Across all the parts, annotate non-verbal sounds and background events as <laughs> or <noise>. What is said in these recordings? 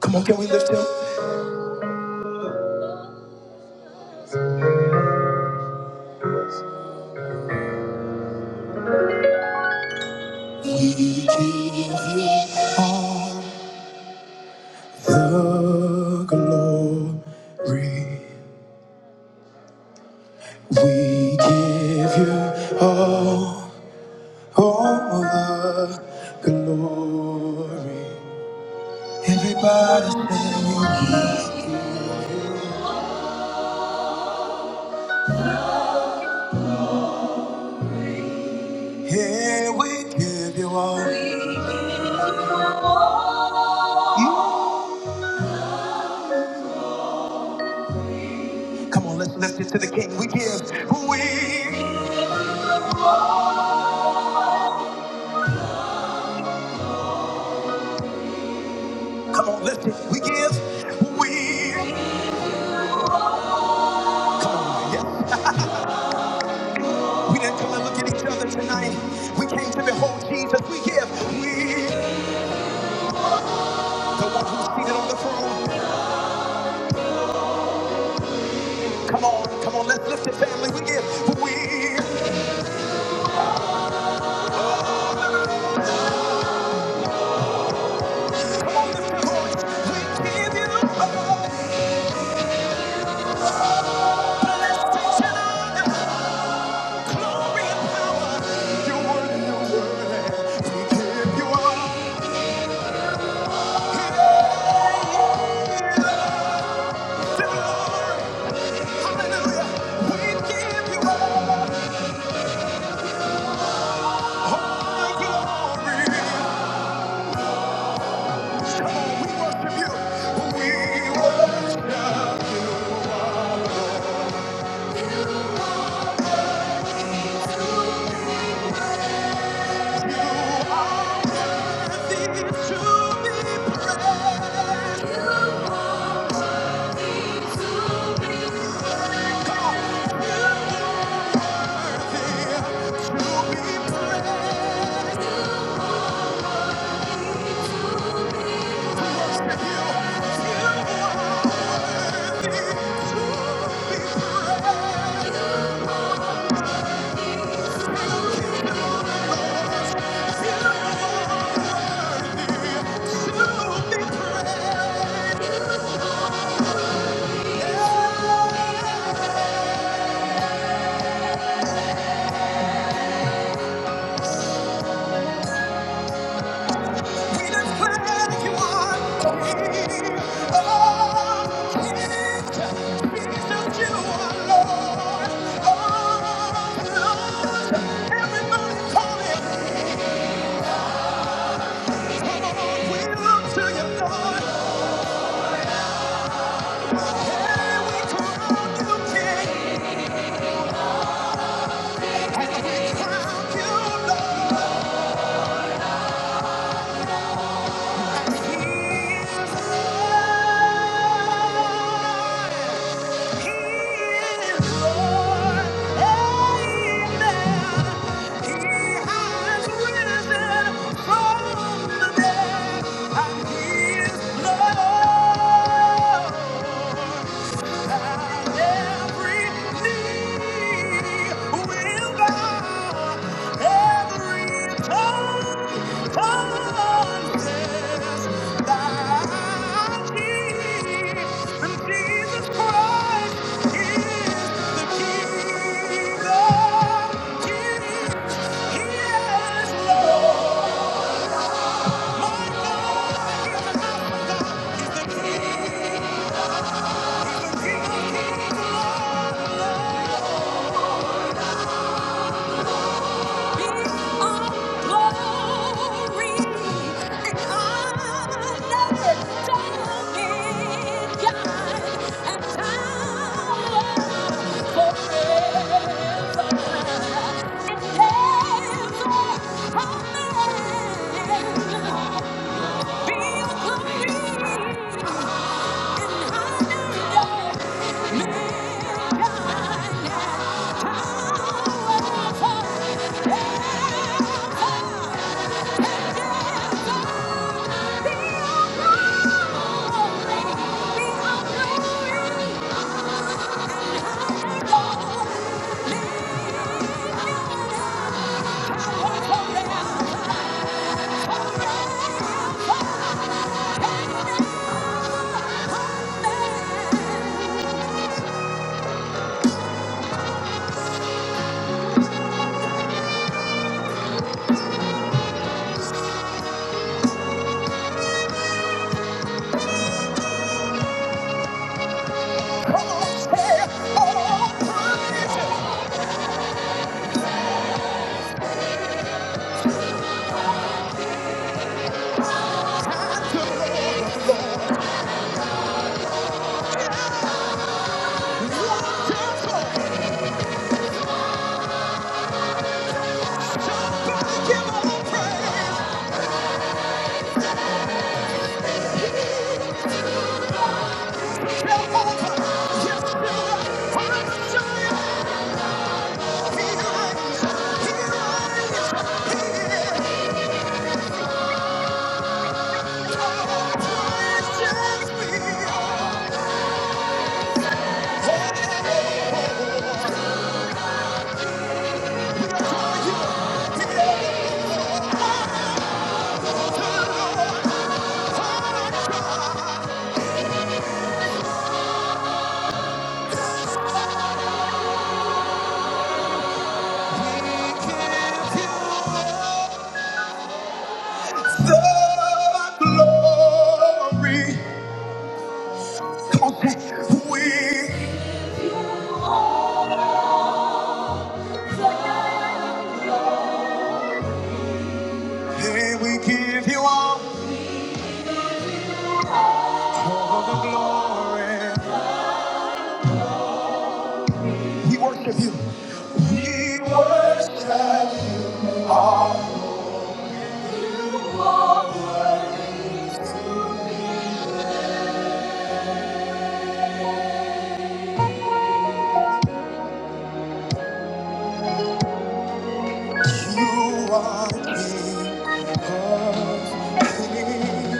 Come on, can we lift him? We give you all the glory. We give you all, all the glory. Everybody sing. Yeah, we give you all. You- Come on, let's lift it to the king. We give. We. Come on, lift it. We give. We. Yes. We didn't come and look at each other tonight. We came to behold Jesus. We give. We the one who's seated on the throne. Come on, come on, let's lift it, family. We give. We come on, lift your voice. We give you all blessings and honor, glory and power. You're worthy, you're worthy. We give you all. Yeah, yeah, the glory. Hallelujah. We give you all. Oh, glory. we worship you. We worship you. Are worthy to be praised. Worthy to be praised. We declare you are King of Jesus, you are Lord of We look to you, Lord, and we crown you King, crown you Lord. Thank you. Jesus Christ is the King of Kings. He is Lord. Hey, I Hallelujah. The glory. Come on, say, we, hey, we give you all, all the glory. We worship you. We worship. You are King of Kings.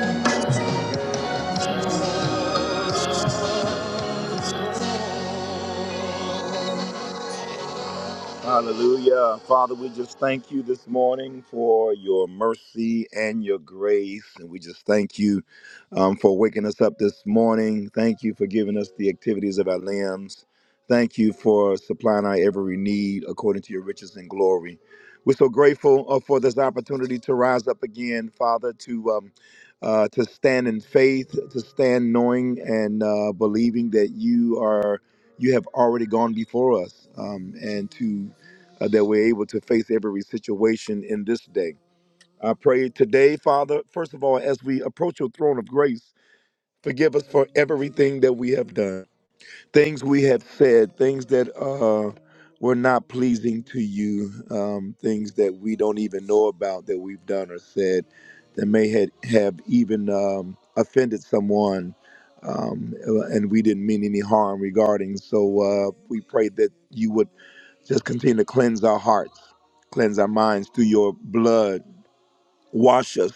Hallelujah. Father, we just thank you this morning for your mercy and your grace. And we just thank you um, for waking us up this morning. Thank you for giving us the activities of our limbs. Thank you for supplying our every need according to your riches and glory. We're so grateful uh, for this opportunity to rise up again, Father, to um, uh, to stand in faith, to stand knowing and uh, believing that you are you have already gone before us um, and to uh, that we're able to face every situation in this day. I pray today, Father, first of all, as we approach your throne of grace, forgive us for everything that we have done, things we have said, things that uh, were not pleasing to you, um, things that we don't even know about that we've done or said that may had, have even um, offended someone. Um, and we didn't mean any harm regarding. So uh, we pray that you would just continue to cleanse our hearts, cleanse our minds through your blood. Wash us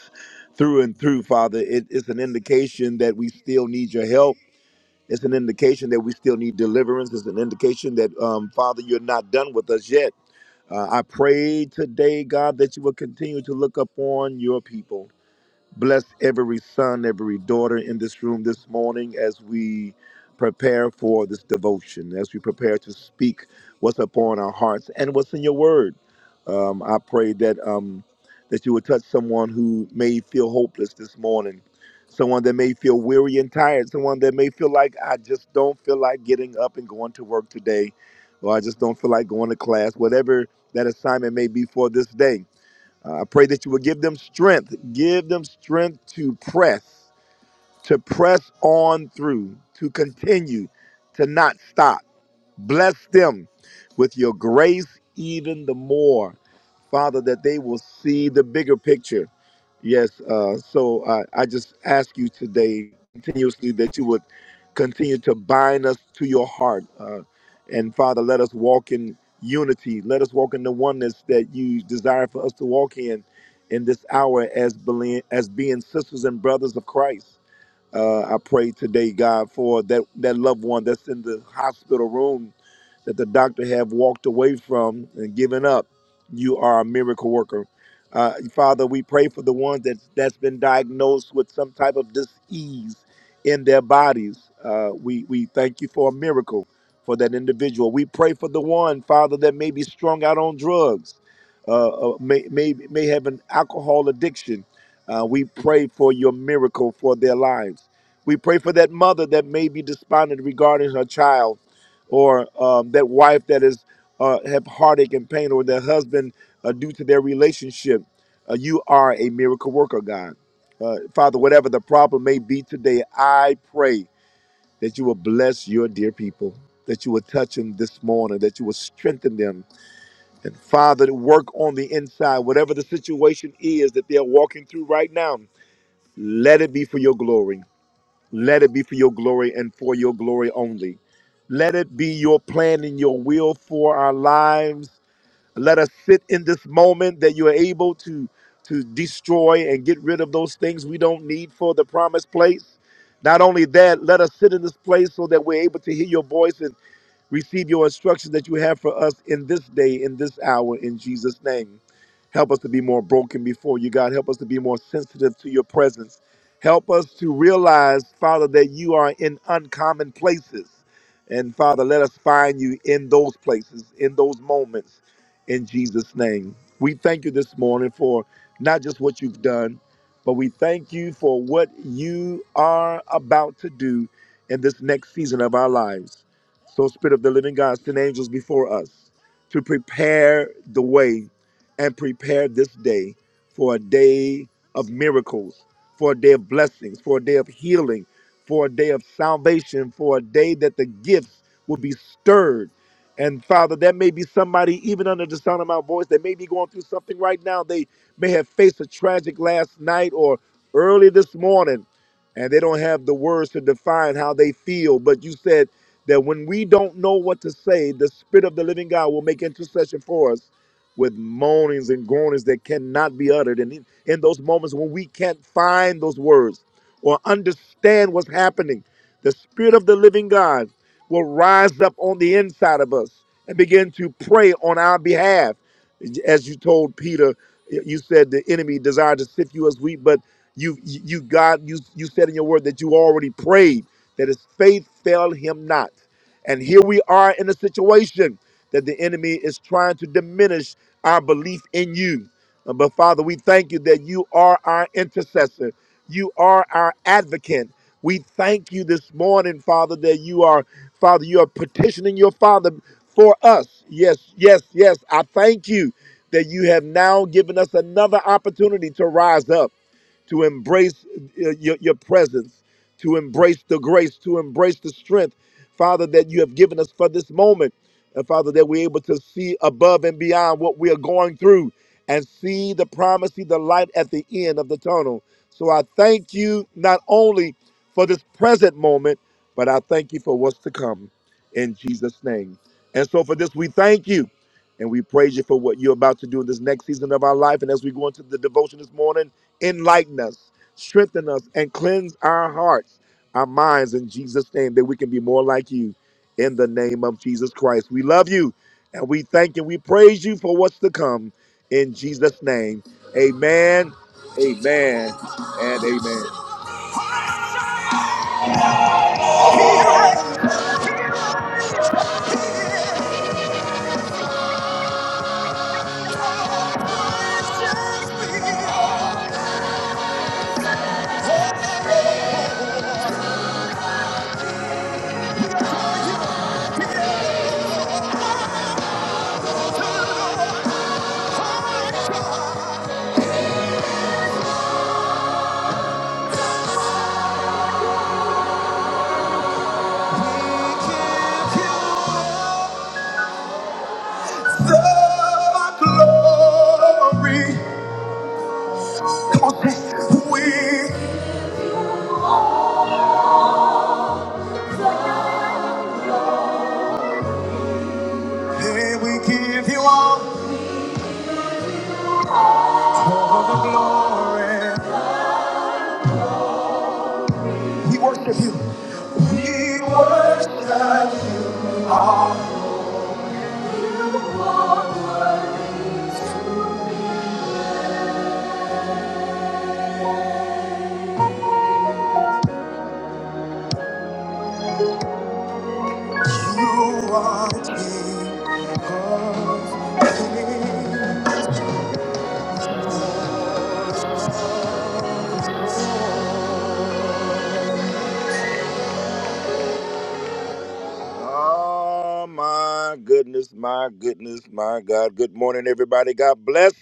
through and through, Father. It, it's an indication that we still need your help. It's an indication that we still need deliverance. It's an indication that, um, Father, you're not done with us yet. Uh, I pray today, God, that you will continue to look upon your people. Bless every son, every daughter in this room this morning as we prepare for this devotion, as we prepare to speak what's upon our hearts and what's in your word. Um, I pray that um, that you would touch someone who may feel hopeless this morning, someone that may feel weary and tired, someone that may feel like I just don't feel like getting up and going to work today, or I just don't feel like going to class, whatever that assignment may be for this day. Uh, I pray that you will give them strength. Give them strength to press, to press on through, to continue, to not stop. Bless them with your grace even the more. Father, that they will see the bigger picture. Yes. Uh, so I, I just ask you today continuously that you would continue to bind us to your heart. Uh, and Father, let us walk in unity. Let us walk in the oneness that you desire for us to walk in in this hour as, beli- as being sisters and brothers of Christ. Uh, I pray today, God, for that, that loved one that's in the hospital room that the doctor have walked away from and given up. You are a miracle worker. Uh, Father, we pray for the ones that, that's been diagnosed with some type of disease in their bodies. Uh, we, we thank you for a miracle for that individual. We pray for the one, Father, that may be strung out on drugs, uh, uh, may, may, may have an alcohol addiction. Uh, we pray for your miracle for their lives. We pray for that mother that may be despondent regarding her child, or um, that wife that is uh, have heartache and pain, or that husband uh, due to their relationship. Uh, you are a miracle worker, God. Uh, Father, whatever the problem may be today, I pray that you will bless your dear people, that you will touch them this morning, that you will strengthen them. And Father, to work on the inside, whatever the situation is that they are walking through right now, let it be for your glory. Let it be for your glory and for your glory only. Let it be your plan and your will for our lives let us sit in this moment that you are able to to destroy and get rid of those things we don't need for the promised place. Not only that, let us sit in this place so that we're able to hear your voice and receive your instructions that you have for us in this day, in this hour, in Jesus' name. Help us to be more broken before you, God. Help us to be more sensitive to your presence. Help us to realize, Father, that you are in uncommon places. And Father, let us find you in those places, in those moments in Jesus' name. We thank you this morning for not just what you've done, but we thank you for what you are about to do in this next season of our lives. So, Spirit of the Living God, send angels before us to prepare the way and prepare this day for a day of miracles, for a day of blessings, for a day of healing, for a day of salvation, for a day that the gifts will be stirred. And Father, that may be somebody, even under the sound of my voice, that may be going through something right now. They may have faced a tragic last night or early this morning and they don't have the words to define how they feel. But you said that when we don't know what to say, the Spirit of the living God will make intercession for us with moanings and groanings that cannot be uttered. And in, in those moments when we can't find those words or understand what's happening, the Spirit of the living God will rise up on the inside of us and begin to pray on our behalf. As you told Peter, you said the enemy desired to sift you as wheat, but you, you, God, you, you said in your word that you already prayed that his faith failed him not. And here we are in a situation that the enemy is trying to diminish our belief in you. Uh, But Father, we thank you that you are our intercessor, you are our advocate. We thank you this morning, Father, that you are, Father, you are petitioning your Father for us. Yes, yes, yes. I thank you that you have now given us another opportunity to rise up to embrace uh, your, your presence, to embrace the grace, to embrace the strength, Father, that you have given us for this moment. and Father, that we're able to see above and beyond what we are going through and see the promise, see the light at the end of the tunnel. So I thank you not only for this present moment, but I thank you for what's to come in Jesus' name. And so for this, we thank you and we praise you for what you're about to do in this next season of our life. And as we go into the devotion this morning, enlighten us, strengthen us, and cleanse our hearts, our minds in Jesus' name, that we can be more like you in the name of Jesus Christ. We love you and we thank You, we praise you for what's to come in Jesus' name. Amen, amen, and amen. The Glory. Come on, say, we, hey, we give you all. We worship you. We worship you. You are King of Kings. Oh my goodness, my goodness, my God. Good morning, everybody. God bless.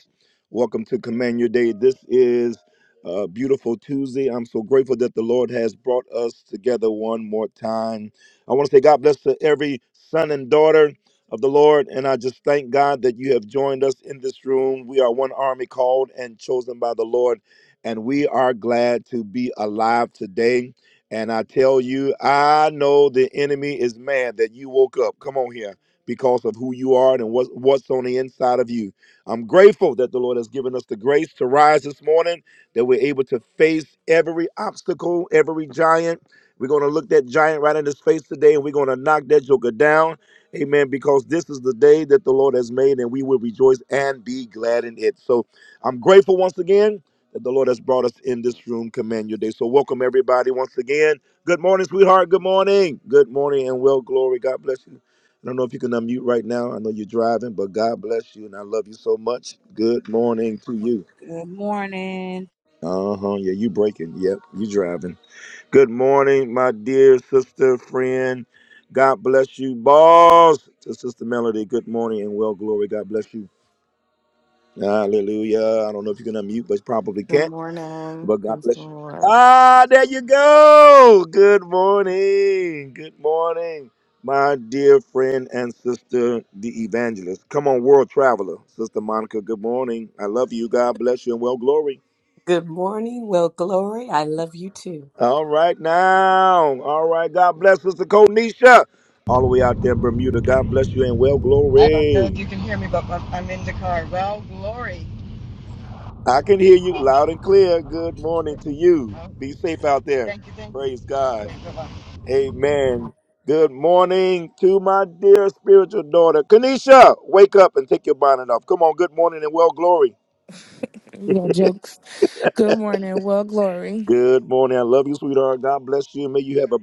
Welcome to Command Your Day. This is a beautiful Tuesday. I'm so grateful that the Lord has brought us together one more time. I want to say God bless to every son and daughter of the Lord. And I just thank God that you have joined us in this room. We are one army called and chosen by the Lord. And we are glad to be alive today. And I tell you, I know the enemy is mad that you woke up. Come on here because of who you are and what, what's on the inside of you. I'm grateful that the Lord has given us the grace to rise this morning, that we're able to face every obstacle, every giant. We're going to look that giant right in his face today and we're going to knock that joker down. Amen. Because this is the day that the Lord has made and we will rejoice and be glad in it. So I'm grateful once again that the Lord has brought us in this room. Command your day. So welcome everybody once again. Good morning, sweetheart. Good morning. Good morning and well glory. God bless you. I don't know if you can unmute right now. I know you're driving, but God bless you and I love you so much. Good morning to you. Good morning. Uh-huh. Yeah, you breaking. Yep, you driving. Good morning, my dear sister, friend. God bless you. Boss to Sister Melody. Good morning and well glory. God bless you. Hallelujah. I don't know if you can unmute, but you probably Good can't. morning. But God Praise the bless you. Lord. Ah, there you go. Good morning. Good morning, my dear friend and sister, the evangelist. Come on, world traveler, Sister Monica. Good morning. I love you. God bless you and well glory. Good morning. Well, Glory, I love you too. All right now. All right. God bless Sister Konisha. All the way out there in Bermuda. God bless you and well I don't know if glory. you can hear me, but I'm, in the car. Well, glory. I can hear you loud and clear. Good morning to you. Oh, Be safe out there. thank you, thank you. Praise God. Okay, bye-bye. Amen. Good morning to my dear spiritual daughter, Kanisha. Wake up and take your bonnet off. Come on. Good morning and well glory. Your jokes. Good morning. Well, Glory. Good morning. I love you, sweetheart. God bless you. May you have a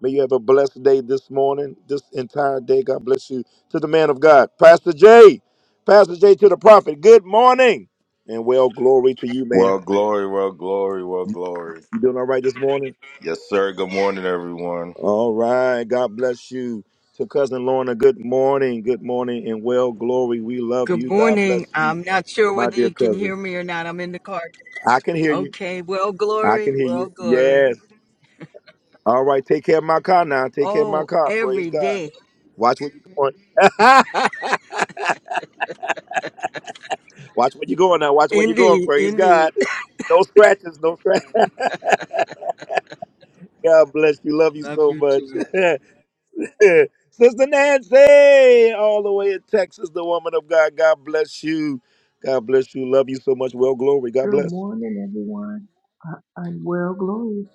may you have a blessed day this morning, this entire day. God bless you. To the man of God, Pastor J. Pastor J. To the prophet. Good morning and well glory to you, man. Well, glory, well, glory, well, glory. You doing all right this morning? Yes, sir. Good morning, everyone. All right. God bless you. To cousin Lorna, good morning. Good morning and well glory. We love Good you. God bless morning. you. I'm not sure my whether dear you can cousin. hear me or not. I'm in the car. I can hear you. Okay. Well, I can glory. hear Well, you. glory. Yes. All right. Take care of my car now. Take care of my Oh, car. Praise every God. day. Watch where you're going. <laughs> Watch where you're going now. Watch where you're going. Indeed. Praise Indeed. God. No scratches. No scratches. <laughs> God bless you. Love you Love so you much. <laughs> too. Sister Nancy, all the way in Texas, the woman of God. God bless you. God bless you. Love you so much. Well, glory. God Good bless. morning, everyone, uh, and well, glory.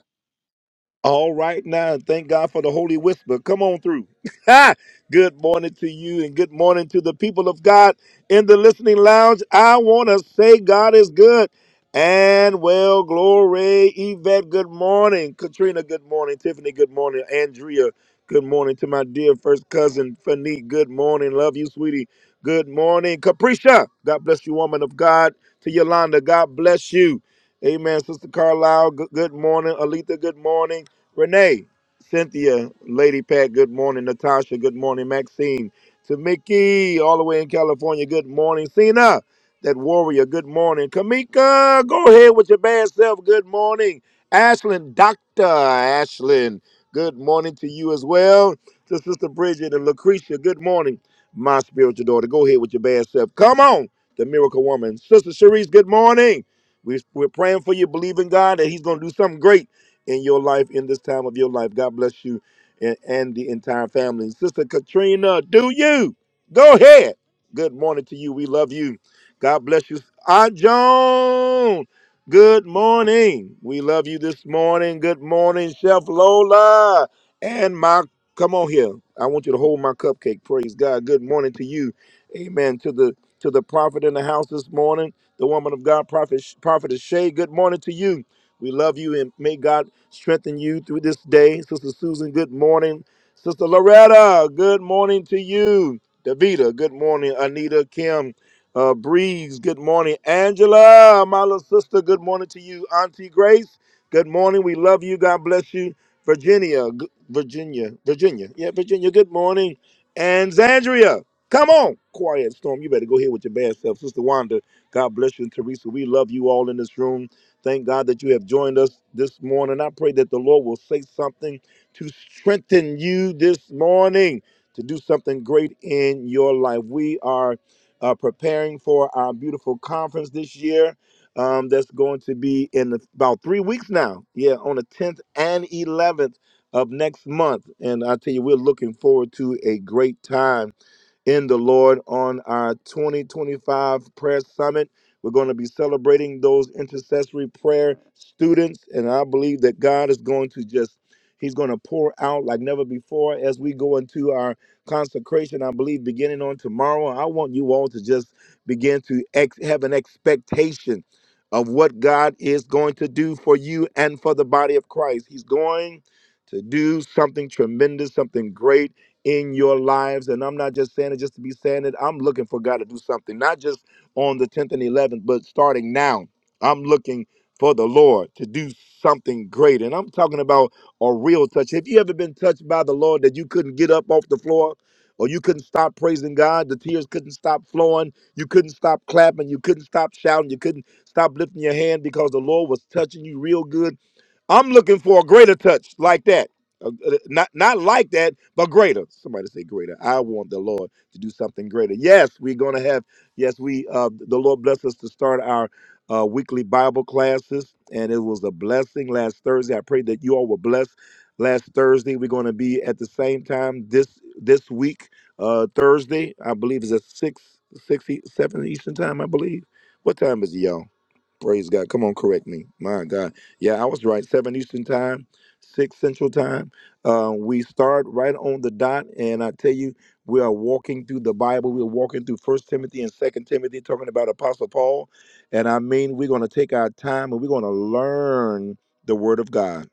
All right now, thank God for the Holy Whisper. Come on through. <laughs> good morning to you and good morning to the people of God in the listening lounge. I want to say God is good and well, glory. Yvette, good morning. Katrina, good morning. Tiffany, good morning. Andrea, good morning. To my dear first cousin, Fanique, good morning. Love you, sweetie. Good morning. Capricia, God bless you, woman of God. To Yolanda, God bless you. Amen. Sister Carlisle, good, good morning. Alita, good morning. Renee, Cynthia, Lady Pat, good morning. Natasha, good morning. Maxine, to Mickey, all the way in California, good morning. Cena, that warrior, good morning. Kamika, go ahead with your bad self, good morning. Ashlyn, Dr. Ashlyn, good morning to you as well. To Sister Bridget and Lucretia, good morning. My spiritual daughter, go ahead with your bad self. Come on, the miracle woman. Sister Cherise, good morning. We, we're praying for you, believing God that He's going to do something great in your life in this time of your life. God bless you and, and the entire family. Sister Katrina, do you? Go ahead. Good morning to you. We love you. God bless you. Aunt Joan, good morning. We love you this morning. Good morning, Chef Lola. And my, come on here. I want you to hold my cupcake. Praise God. Good morning to you. Amen. To the to the prophet in the house this morning, the woman of God, prophet prophet Shay. Good morning to you. We love you and may God strengthen you through this day. Sister Susan, good morning. Sister Loretta, good morning to you. Davita, good morning. Anita, Kim, uh, Breeze, good morning. Angela, my little sister, good morning to you. Auntie Grace, good morning. We love you. God bless you. Virginia, g- Virginia, Virginia. Yeah, Virginia, good morning. And Zandria, come on. Quiet Storm, you better go here with your bad self. Sister Wanda, God bless you. And Teresa, we love you all in this room. Thank God that you have joined us this morning. I pray that the Lord will say something to strengthen you this morning to do something great in your life. We are uh, preparing for our beautiful conference this year. Um, that's going to be in about three weeks now. Yeah, on the 10th and 11th of next month. And I tell you, we're looking forward to a great time in the Lord on our 2025 prayer summit. We're going to be celebrating those intercessory prayer students, and I believe that God is going to just He's going to pour out like never before as we go into our consecration. I believe beginning on tomorrow, I want you all to just begin to ex- have an expectation of what God is going to do for you and for the body of Christ. He's going to do something tremendous, something great in your lives. And I'm not just saying it just to be saying it. I'm looking for God to do something, not just on the 10th and 11th, but starting now. I'm looking for the Lord to do something great. And I'm talking about a real touch. Have you ever been touched by the Lord that you couldn't get up off the floor? Or you couldn't stop praising God. The tears couldn't stop flowing. You couldn't stop clapping. You couldn't stop shouting. You couldn't stop lifting your hand because the Lord was touching you real good I'm looking for a greater touch like that. Uh, uh, Not not like that, but greater. Somebody say greater. I want the Lord to do something greater. Yes, we're gonna have. Yes, we. Uh, the Lord bless us to start our uh, weekly Bible classes, and it was a blessing last Thursday. I pray that you all were blessed last Thursday. We're gonna be at the same time this this week. Uh, Thursday, I believe, is at six six e- seven Eastern time. I believe. What time is it, y'all? Praise God. Come on, correct me. My God. Yeah, I was right. Seven Eastern time, six Central time. Uh, we start right on the dot, and I tell you, we are walking through the Bible. We're walking through First Timothy and Second Timothy, talking about Apostle Paul. And I mean, we're going to take our time and we're going to learn the Word of God.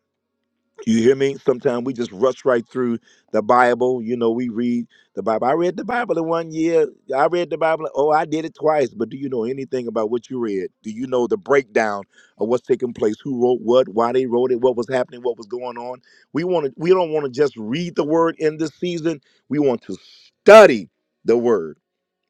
You hear me? Sometimes we just rush right through the Bible. You know, we read the Bible. I read the Bible in one year. I read the Bible. Oh, I did it twice. But do you know anything about what you read? Do you know the breakdown of what's taking place? Who wrote what? Why they wrote it? What was happening? What was going on? We want to. We don't want to just read the Word in this season. We want to study the Word.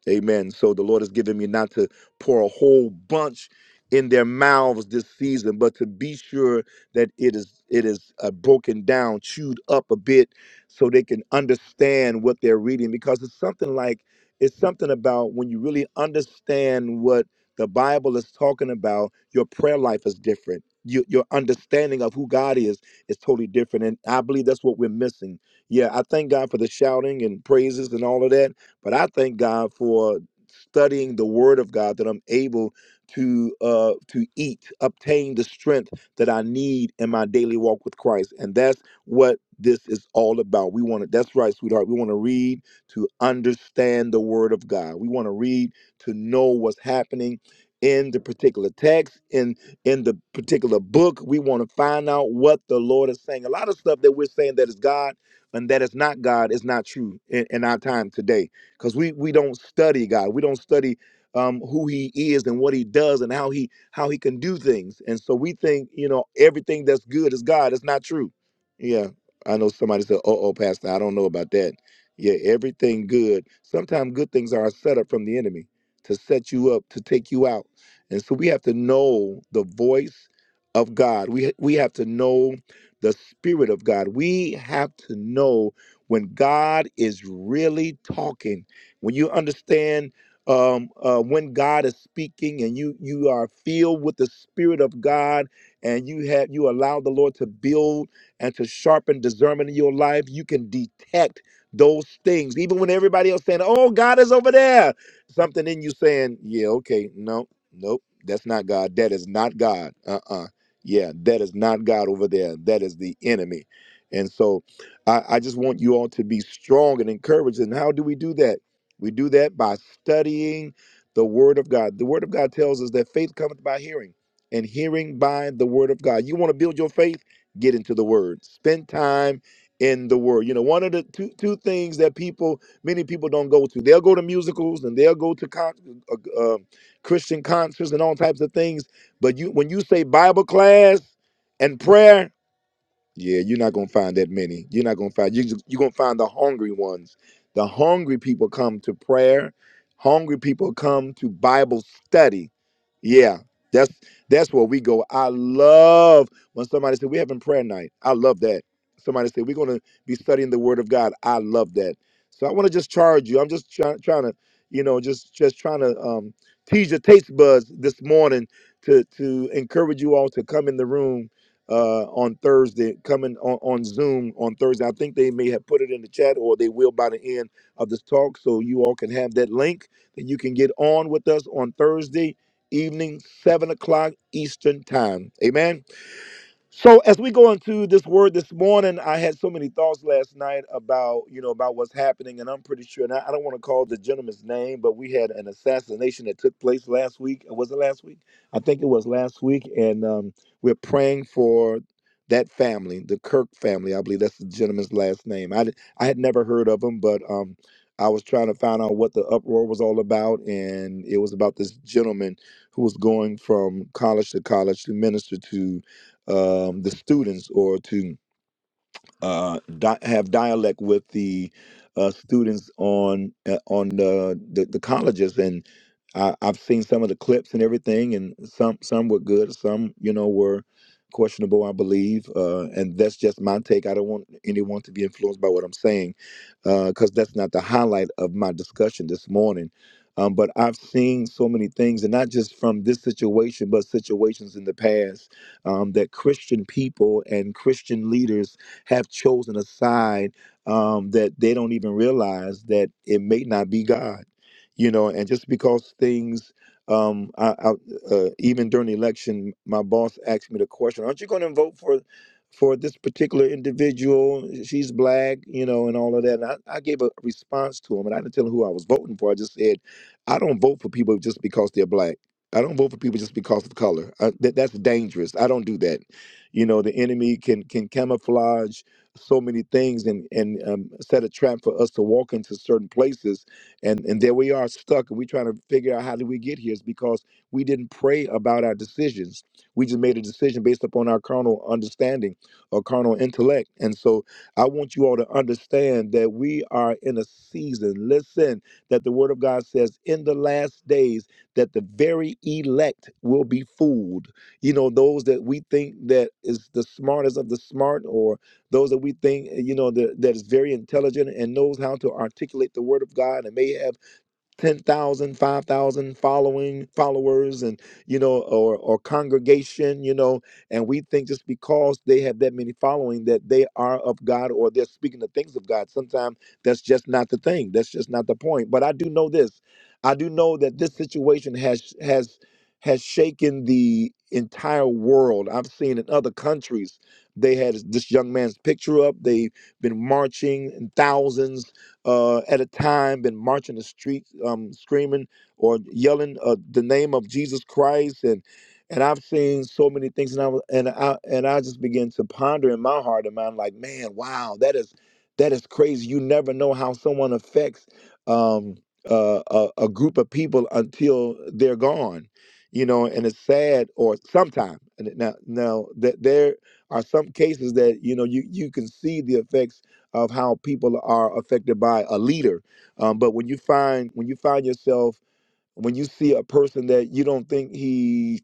Amen. So the Lord has given me not to pour a whole bunch in their mouths this season, but to be sure that it is it is uh, broken down, chewed up a bit, so they can understand what they're reading. Because it's something like it's something about when you really understand what the Bible is talking about, your prayer life is different. Your, your understanding of who God is is totally different, and I believe that's what we're missing. Yeah, I thank God for the shouting and praises and all of that but I thank God for studying the Word of God that I'm able to uh, to eat, obtain the strength that I need in my daily walk with Christ, and that's what this is all about. We want to. That's right, sweetheart. We want to read to understand the Word of God. We want to read to know what's happening in the particular text in in the particular book we want to find out what the lord is saying a lot of stuff that we're saying that is god and that is not god is not true in, in our time today because we we don't study God. We don't study um, who He is and what He does and how He how He can do things. And so we think you know everything that's good is God. It's not true. Yeah, I know somebody said, "Oh, oh, Pastor, I don't know about that." Yeah, everything good. Sometimes good things are a setup from the enemy to set you up to take you out. And so we have to know the voice of God. We we have to know the spirit of God. We have to know when God is really talking when you understand um, uh, when God is speaking and you you are filled with the Spirit of God and you have you allow the Lord to build and to sharpen discernment in your life, you can detect those things. Even when everybody else saying, "Oh, God is over there," something in you saying, "Yeah, okay, no, nope, that's not God. That is not God. Uh-uh, yeah, that is not God over there. That is the enemy." And so, I, I just want you all to be strong and encouraged. And how do we do that? We do that by studying the Word of God. The Word of God tells us that faith cometh by hearing, and hearing by the Word of God. You want to build your faith? Get into the Word. Spend time in the Word. You know, one of the two two things that people, many people don't go to. They'll go to musicals and they'll go to con- uh, uh, Christian concerts and all types of things. But you, when you say Bible class and prayer. Yeah, you're not gonna find that many. You're not gonna find you. You're gonna find the hungry ones. The hungry people come to prayer. Hungry people come to Bible study. Yeah, that's that's where we go. I love when somebody said we're having prayer night. I love that. Somebody said we're gonna be studying the Word of God. I love that. So I want to just charge you. I'm just try, trying to, you know, just just trying to um, tease your taste buds this morning to to encourage you all to come in the room uh, on Thursday, coming on, on Zoom on Thursday. I think they may have put it in the chat or they will by the end of this talk. So you all can have that link that you can get on with us on Thursday evening, 7 o'clock Eastern Time. Amen. So as we go into this word this morning, I had so many thoughts last night about you know about what's happening, and I'm pretty sure. And I, I don't want to call the gentleman's name, but we had an assassination that took place last week. Was it last week? I think it was last week, and um, we're praying for that family, the Kirk family. I believe that's the gentleman's last name. I di- I had never heard of him, but um, I was trying to find out what the uproar was all about, and it was about this gentleman who was going from college to college to minister to um, the students or to uh, di- have dialect with the uh, students on uh, on the, the the colleges, and I, I've seen some of the clips and everything, and some some were good, some you know were questionable, I believe, uh, and that's just my take. I don't want anyone to be influenced by what I'm saying, because that's not the highlight of my discussion this morning. Um, but I've seen so many things, and not just from this situation, but situations in the past um, that Christian people and Christian leaders have chosen a side um, that they don't even realize that it may not be God, you know. And just because things, um, I, I, uh, even during the election, my boss asked me the question, "Aren't you going to vote for?" For this particular individual, she's black, you know, and all of that. And I, I gave a response to him, and I didn't tell him who I was voting for. I just said, I don't vote for people just because they're black. I don't vote for people just because of color. Uh, that, that's dangerous. I don't do that you know, the enemy can can camouflage so many things and and um, set a trap for us to walk into certain places, and and there we are stuck, and we're trying to figure out how did we get here. It's because we didn't pray about our decisions. We just made a decision based upon our carnal understanding or carnal intellect, and so I want you all to understand that we are in a season. Listen, that the Word of God says in the last days that the very elect will be fooled you know those that we think that is the smartest of the smart or those that we think eh, you know that, that is very intelligent and knows how to articulate the word of god and may have 10,000, 5,000 following followers and you know or or congregation, you know, and we think just because they have that many following that they are of God or they're speaking the things of God. Sometimes that's just not the thing. That's just not the point. But I do know this. I do know that this situation has has has shaken the entire world. I've seen in other countries they had this young man's picture up. They've been marching in thousands uh, at a time been marching the streets, um, screaming or yelling uh, the name of Jesus Christ, and and I've seen so many things, and I was, and I and I just began to ponder in my heart and mind, like, man, wow, that is that is crazy. You never know how someone affects um, uh, a, a group of people until they're gone, you know, and it's sad. Or sometime and it- now, now that there are some cases that you know you you can see the effects of how people are affected by a leader. Um, but when you find when you find yourself when you see a person that you don't think he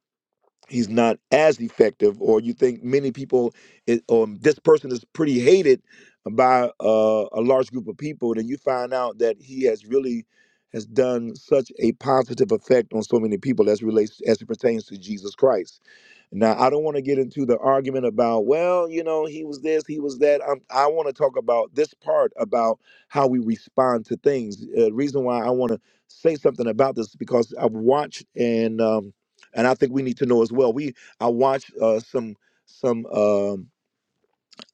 he's not as effective, or you think many people it, or this person is pretty hated by uh, a large group of people, then you find out that he has really has done such a positive effect on so many people as relates as it pertains to Jesus Christ. Now, I don't want to get into the argument about, well, you know, he was this, he was that. I'm, I want to talk about this part about how we respond to things. Uh, reason why I want to say something about this is because I've watched and um, and I think we need to know as well. We I watched uh, some some um,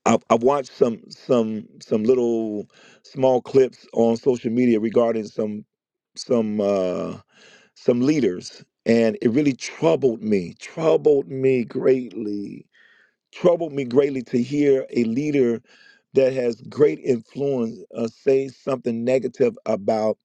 I've, I've watched some some some little small clips on social media regarding some some uh, some leaders, and it really troubled me, troubled me greatly troubled me greatly to hear a leader that has great influence uh, say something negative about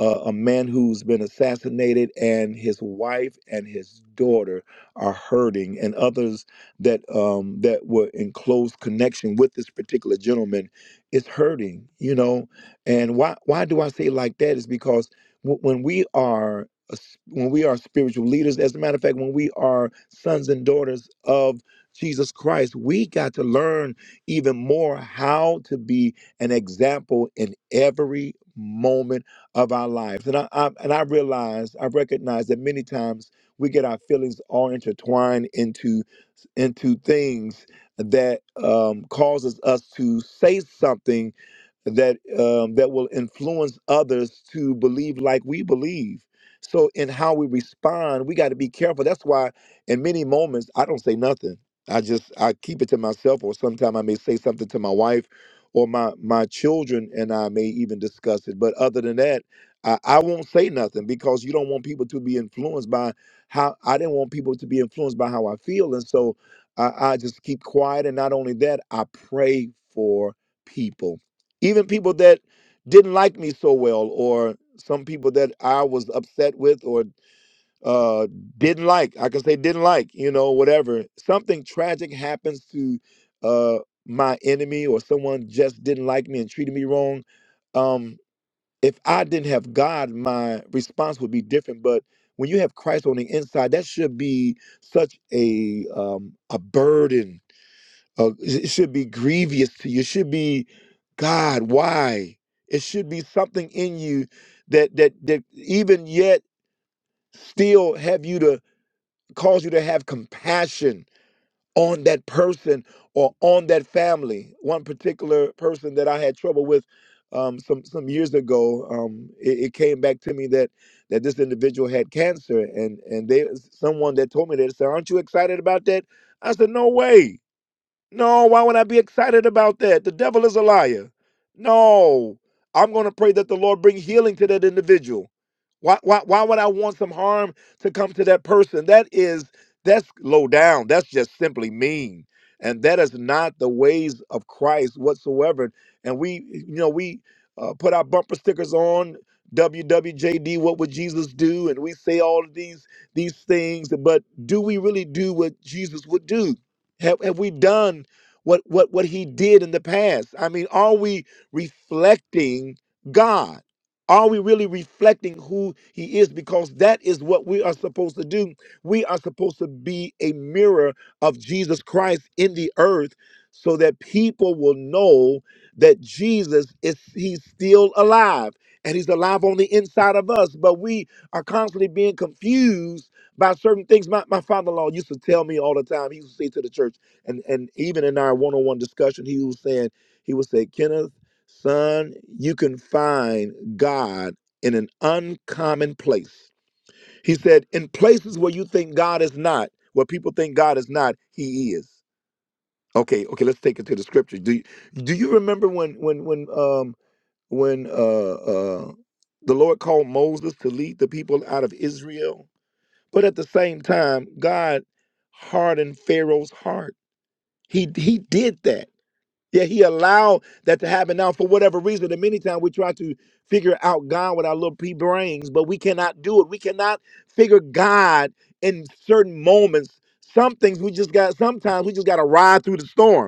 uh, a man who's been assassinated, and his wife and his daughter are hurting, and others that um, that were in close connection with this particular gentleman is hurting. You know, and why why do I say it like that? Is because w- when we are a s- when we are spiritual leaders, as a matter of fact, when we are sons and daughters of Jesus Christ, we got to learn even more how to be an example in every moment of our lives. And I, I and I realize, I recognize that many times we get our feelings all intertwined into into things that um, causes us to say something that um, that will influence others to believe like we believe. So in how we respond, we got to be careful. That's why in many moments I don't say nothing. I just I keep it to myself, or sometimes I may say something to my wife or my my children, and I may even discuss it. But other than that I, I won't say nothing because you don't want people to be influenced by how I didn't want people to be influenced by how I feel. And so I, I just keep quiet. And not only that, I pray for people, even people that didn't like me so well, or some people that I was upset with or uh, didn't like. I can say didn't like, you know, whatever. Something tragic happens to uh, my enemy or someone just didn't like me and treated me wrong. Um, if I didn't have God, my response would be different. But when you have Christ on the inside, that should be such a um, a burden. Uh, it it should be grievous to you. It should be God. Why? It should be something in you that that that even yet still have you to cause you to have compassion on that person or on that family. One particular person that I had trouble with um, some some years ago, um, it, it came back to me that that this individual had cancer, and and they someone that told me that said, "Aren't you excited about that?" I said, "No way, no. Why would I be excited about that? The devil is a liar. No, I'm going to pray that the Lord bring healing to that individual." Why, why, why would I want some harm to come to that person? That is, that's low down. That's just simply mean. And that is not the ways of Christ whatsoever. And we, you know, we uh, put our bumper stickers on WWJD, what would Jesus do? And we say all of these, these things, but do we really do what Jesus would do? Have, have we done what, what, what he did in the past? I mean, are we reflecting God? Are we really reflecting who he is? Because that is what we are supposed to do. We are supposed to be a mirror of Jesus Christ in the earth so that people will know that Jesus is he's still alive and he's alive on the inside of us. But we are constantly being confused by certain things. My, my father-in-law used to tell me all the time, he used to say to the church, and, and even in our one-on-one discussion, he was saying, he would say, Kenneth. Son, you can find God in an uncommon place. He said, in places where you think God is not, where people think God is not, He is. Okay, okay, let's take it to the scripture. Do you, do you remember when when when um when uh uh the Lord called Moses to lead the people out of Israel? But at the same time, God hardened Pharaoh's heart. He he did that yeah, he allowed that to happen. Now, for whatever reason, and many times we try to figure out God with our little pea brains, but we cannot do it. We cannot figure God in certain moments. Some things we just got, sometimes we just got to ride through the storm.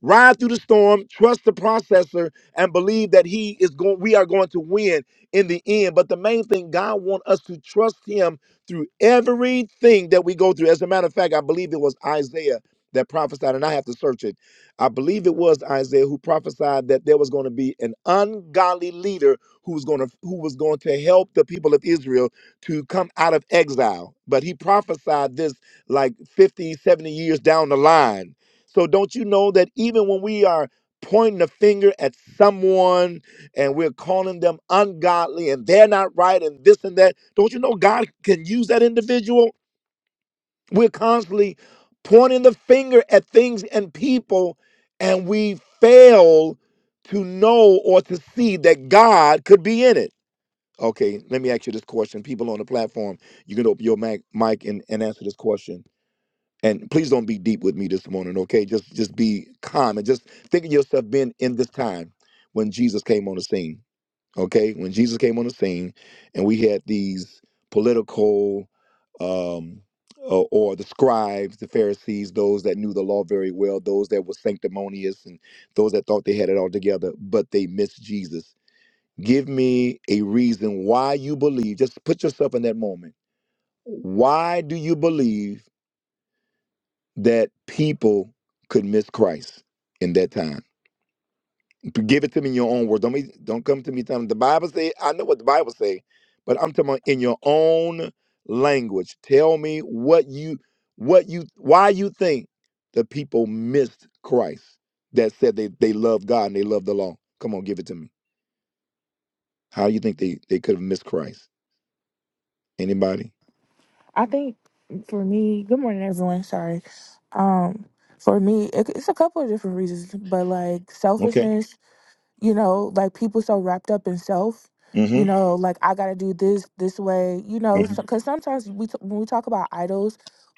Ride through the storm, trust the processor, and believe that he is going. We are going to win in the end. But the main thing, God wants us to trust Him through everything that we go through. As a matter of fact, I believe it was Isaiah that prophesied, and I have to search it. I believe it was Isaiah who prophesied that there was going to be an ungodly leader who was going to who was going to help the people of Israel to come out of exile. But he prophesied this like 50, 70 years down the line so don't you know that even when we are pointing a finger at someone and we're calling them ungodly and they're not right and this and that, don't you know God can use that individual? We're constantly pointing the finger at things and people and we fail to know or to see that God could be in it. Okay, let me ask you this question. People on the platform, you can open your mic, mic and, and answer this question and please don't be deep with me this morning okay just just be calm and just think of yourself being in this time when jesus came on the scene okay when jesus came on the scene and we had these political um or, or the scribes the pharisees those that knew the law very well those that were sanctimonious and those that thought they had it all together but they missed jesus give me a reason why you believe just put yourself in that moment why do you believe that people could miss Christ in that time. Give it to me in your own words. Don't be, don't come to me telling the Bible say. I know what the Bible say, but I'm talking about in your own language. Tell me what you what you why you think the people missed Christ that said they they love God and they love the law. Come on, give it to me. How you think they they could have missed Christ? Anybody? I think for me, good morning, everyone. Sorry. Um, for me, it, it's a couple of different reasons, but like Okay. selfishness you know like people so wrapped up in self you Mm-hmm. know like i gotta do this this way you know hmm because sometimes we t- when we talk about idols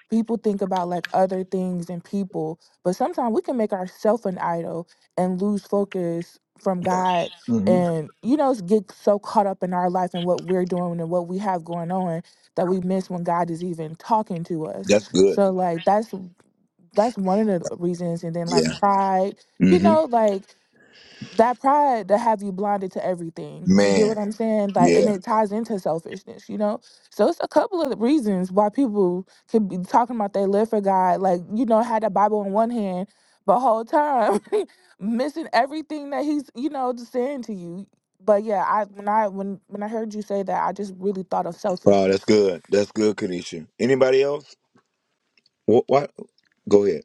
people think about like other things and people but sometimes we can make ourselves an idol and lose focus from god hmm and you know get so caught up in our life and what we're doing and what we have going on that we miss when god is even talking to us That's good. so like that's that's one of the reasons and then like Yeah. pride you Mm-hmm. know like that pride that have you blinded to everything. You get what Man. I'm saying? Like, Yeah. and it ties into selfishness, you know? So it's a couple of reasons why people could be talking about they live for God, like, you know, had the Bible in one hand, but whole time <laughs> missing everything that he's, you know, just saying to you. But yeah, I when I when when I heard you say that, I just really thought of Wow, that's selfishness. good. That's good, Kanisha. Anybody else? What? what? Go ahead,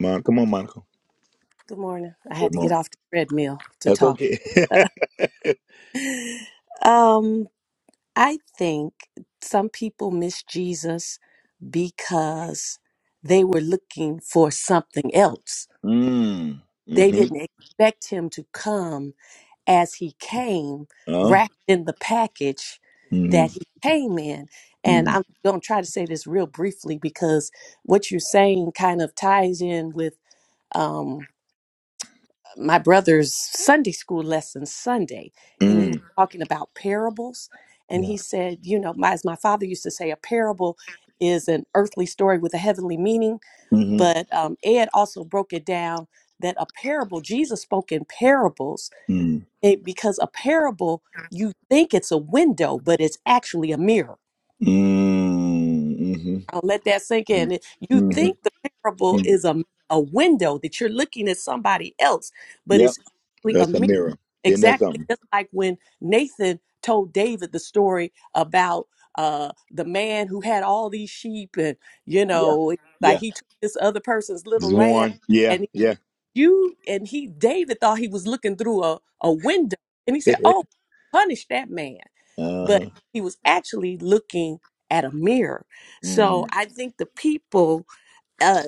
Mon. Come on, Monica. Good morning. I had Come to get on. off the treadmill to That's talk. okay. <laughs> <sighs> Um, I think some people miss Jesus because they were looking for something else. mm. They Mm-hmm. didn't expect him to come as he came, Oh. wrapped in the package Mm-hmm. that he came in. And Mm-hmm. I'm going to try to say this real briefly because what you're saying kind of ties in with. Um, my brother's Sunday school lesson Sunday, and he was Mm. talking about parables. And Yeah. he said, you know, my, as my father used to say, a parable is an earthly story with a heavenly meaning. Mm-hmm. But um, Ed also broke it down that a parable, Jesus spoke in parables Mm. it, because a parable, you think it's a window, but it's actually a mirror. Mm. Mm-hmm. I'll let that sink Mm. in. It- Mm-hmm. You mm think the parable is a, a window that you're looking at somebody else, but Yep. it's actually a That's mirror a mirror. Isn't that Exactly, something? just like when Nathan told David the story about uh, the man who had all these sheep, and you Yeah. know, like Yeah. he took this other person's little There's lamb, one. Yeah. and Yeah. you and he, David thought he was looking through a, a window, and he <laughs> said, "Oh, punish that man," but uh-huh. he was actually looking at a mirror. So Mm. I think the people uh,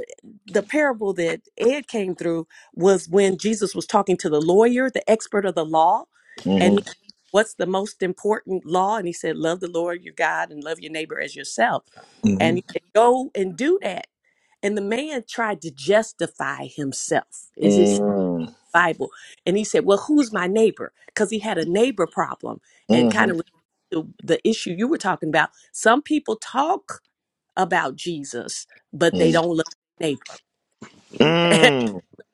the parable that Ed came through was when Jesus was talking to the lawyer, the expert of the law, and Mm-hmm. he, what's the most important law? And he said, "Love the Lord your God and love your neighbor as yourself." Mm-hmm. And he said, "Go and do that." And the man tried to justify himself. Is it Mm. Bible? And he said, "Well, who's my neighbor?" Because he had a neighbor problem, and Mm-hmm. kind of the, the issue you were talking about. Some people talk about Jesus, but they Mm. don't love their neighbor <laughs> Mm.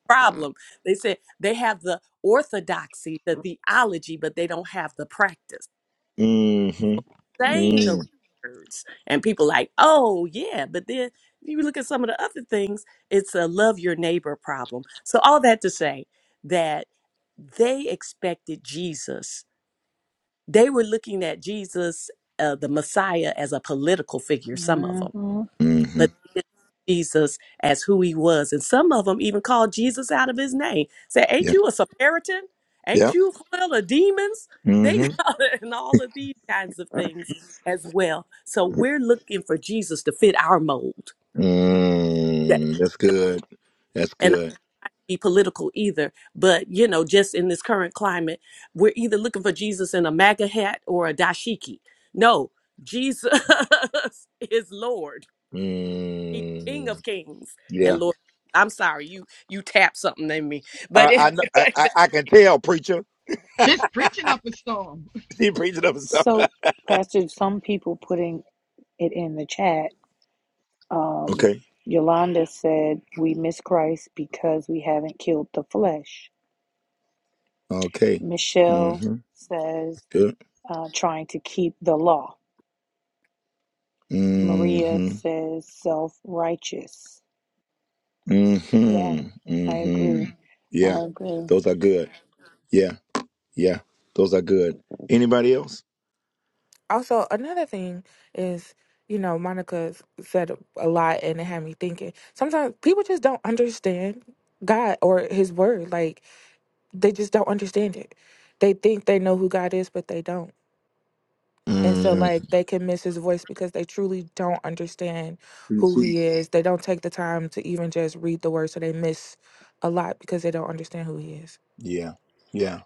problem. They said they have the orthodoxy, the theology, but they don't have the practice. Mm-hmm. Saying the right Mm. words. And people like, oh yeah, but then you look at some of the other things, it's a love your neighbor problem. So all that to say that they expected Jesus. They were looking at Jesus, uh, the Messiah, as a political figure, some of them hmm Mm-hmm. but they didn't see Jesus as who he was. And some of them even called Jesus out of his name. Say, Ain't Yep. you a Samaritan? Ain't Yep. you full of demons? They <laughs> Mm-hmm. got it, and all of these kinds of things as well. So we're looking for Jesus to fit our mold. Yeah. Mm. That's good. That's And i good. be political either, but you know, just in this current climate, we're either looking for Jesus in a MAGA hat or a dashiki. No, Jesus <laughs> is Lord. He's King Mm. of Kings and Yeah. Lord. I'm sorry, you you tapped something in me, but I I, it, know, I I <laughs> I can tell, preacher. <laughs> She's preaching up a storm. He preaching up and stuff. So, Pastor, some people putting it in the chat. <laughs> Um, okay. Yolanda said, We miss Christ because we haven't killed the flesh. Okay. Michelle Mm-hmm. says, Good. uh, Trying to keep the law. Maria Mm-hmm. says, Self righteous. Yeah, Mm-hmm. I Mm-hmm. agree. Yeah. I agree. Those are good. Yeah. Yeah. Those are good. Anybody else? also another thing is you know monica s- said a lot and it had me thinking sometimes people just don't understand god or his word like they just don't understand it they think they know who god is but they don't and so Mm. like they can miss his voice because they truly don't understand who he is they don't take the time to even just read the word so they miss a lot because they don't understand who he is Yeah. Yeah.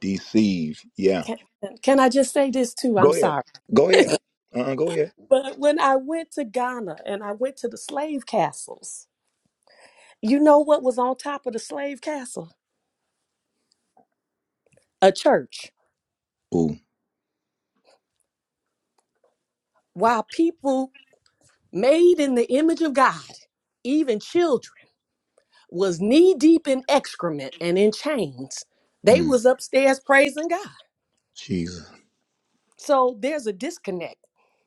Deceive. Yeah. can, can I just say this too? I'm Go ahead. sorry. Go <laughs> ahead. Uh-uh, go ahead. But when I went to Ghana and I went to the slave castles, you know what was on top of the slave castle? A church. Oh, While people made in the image of God, even children, was knee deep in excrement and in chains, they mm, was upstairs praising God. Jesus. So there's a disconnect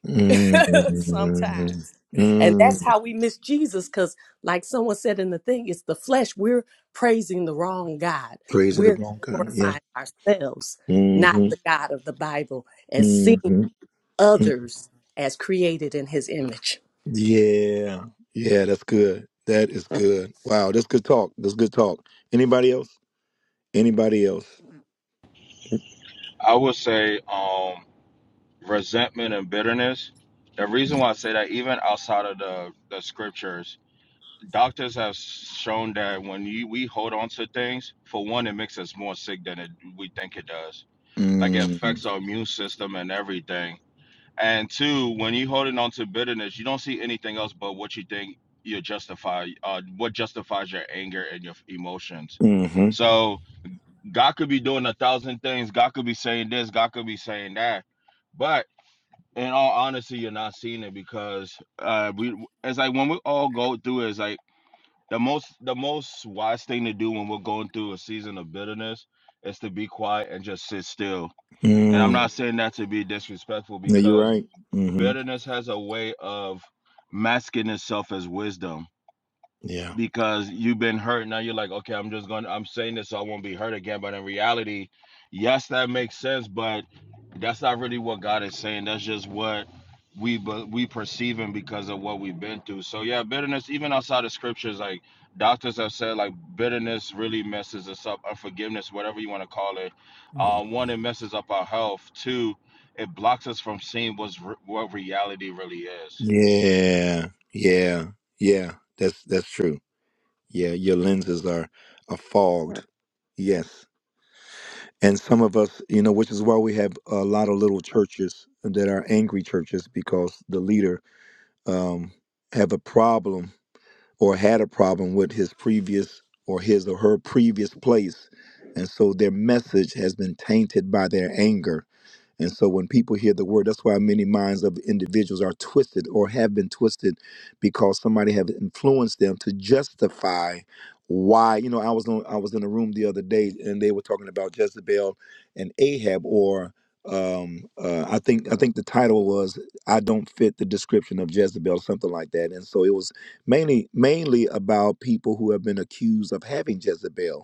Mm, <laughs> mm, sometimes. And that's mm, how we miss Jesus because, like someone said in the thing, it's the flesh. We're praising the wrong God. praising the We're wrong kind. Yeah. glorifying ourselves, not Mm-hmm, the God of the Bible, and seeing mm-hmm, mm. others as created in his image. Yeah. Yeah, that's good. That is good. Wow, that's good talk. That's good talk. Anybody else? Anybody else? I would say um, resentment and bitterness. The reason why I say that, even outside of the, the scriptures, doctors have shown that when you, we hold on to things, for one, it makes us more sick than it, we think it does. Like it affects Mm, our immune system and everything And two, when you are holding on to bitterness, you don't see anything else but what you think you justify, uh, what justifies your anger and your emotions. mm-hmm. So God could be doing a thousand things. God could be saying this. God could be saying that. But in all honesty, you're not seeing it because uh, we, it's like when we all go through it, it's like the most, the most wise thing to do when we're going through a season of bitterness is to be quiet and just sit still. And I'm Mm. not saying that to be disrespectful No, you're because right. Mm-hmm. Bitterness has a way of masking itself as wisdom Yeah. because you've been hurt. Now you're like, okay, I'm just going. to I'm saying this so I won't be hurt again. But in reality, yes, that makes sense. But that's not really what God is saying. That's just what we but we perceiving because of what we've been through. So yeah, bitterness, even outside of scriptures, like doctors have said, like bitterness really messes us up. Unforgiveness, whatever you want to call it. Mhm. Uh, one, it messes up our health. Two, it blocks us from seeing what's re- what reality really is. Yeah. Yeah. Yeah. That's that's true. Yeah, your lenses are, are fogged. Yes. And some of us, you know, which is why we have a lot of little churches that are angry churches because the leader um, have a problem or had a problem with his previous or his or her previous place. And so their message has been tainted by their anger and so when people hear the word, that's why many minds of individuals are twisted or have been twisted because somebody have influenced them to justify why, you know, I was on I was in a room the other day and they were talking about Jezebel and Ahab or um uh I think I think the title was I don't fit the description of Jezebel something like that and so it was mainly mainly about people who have been accused of having Jezebel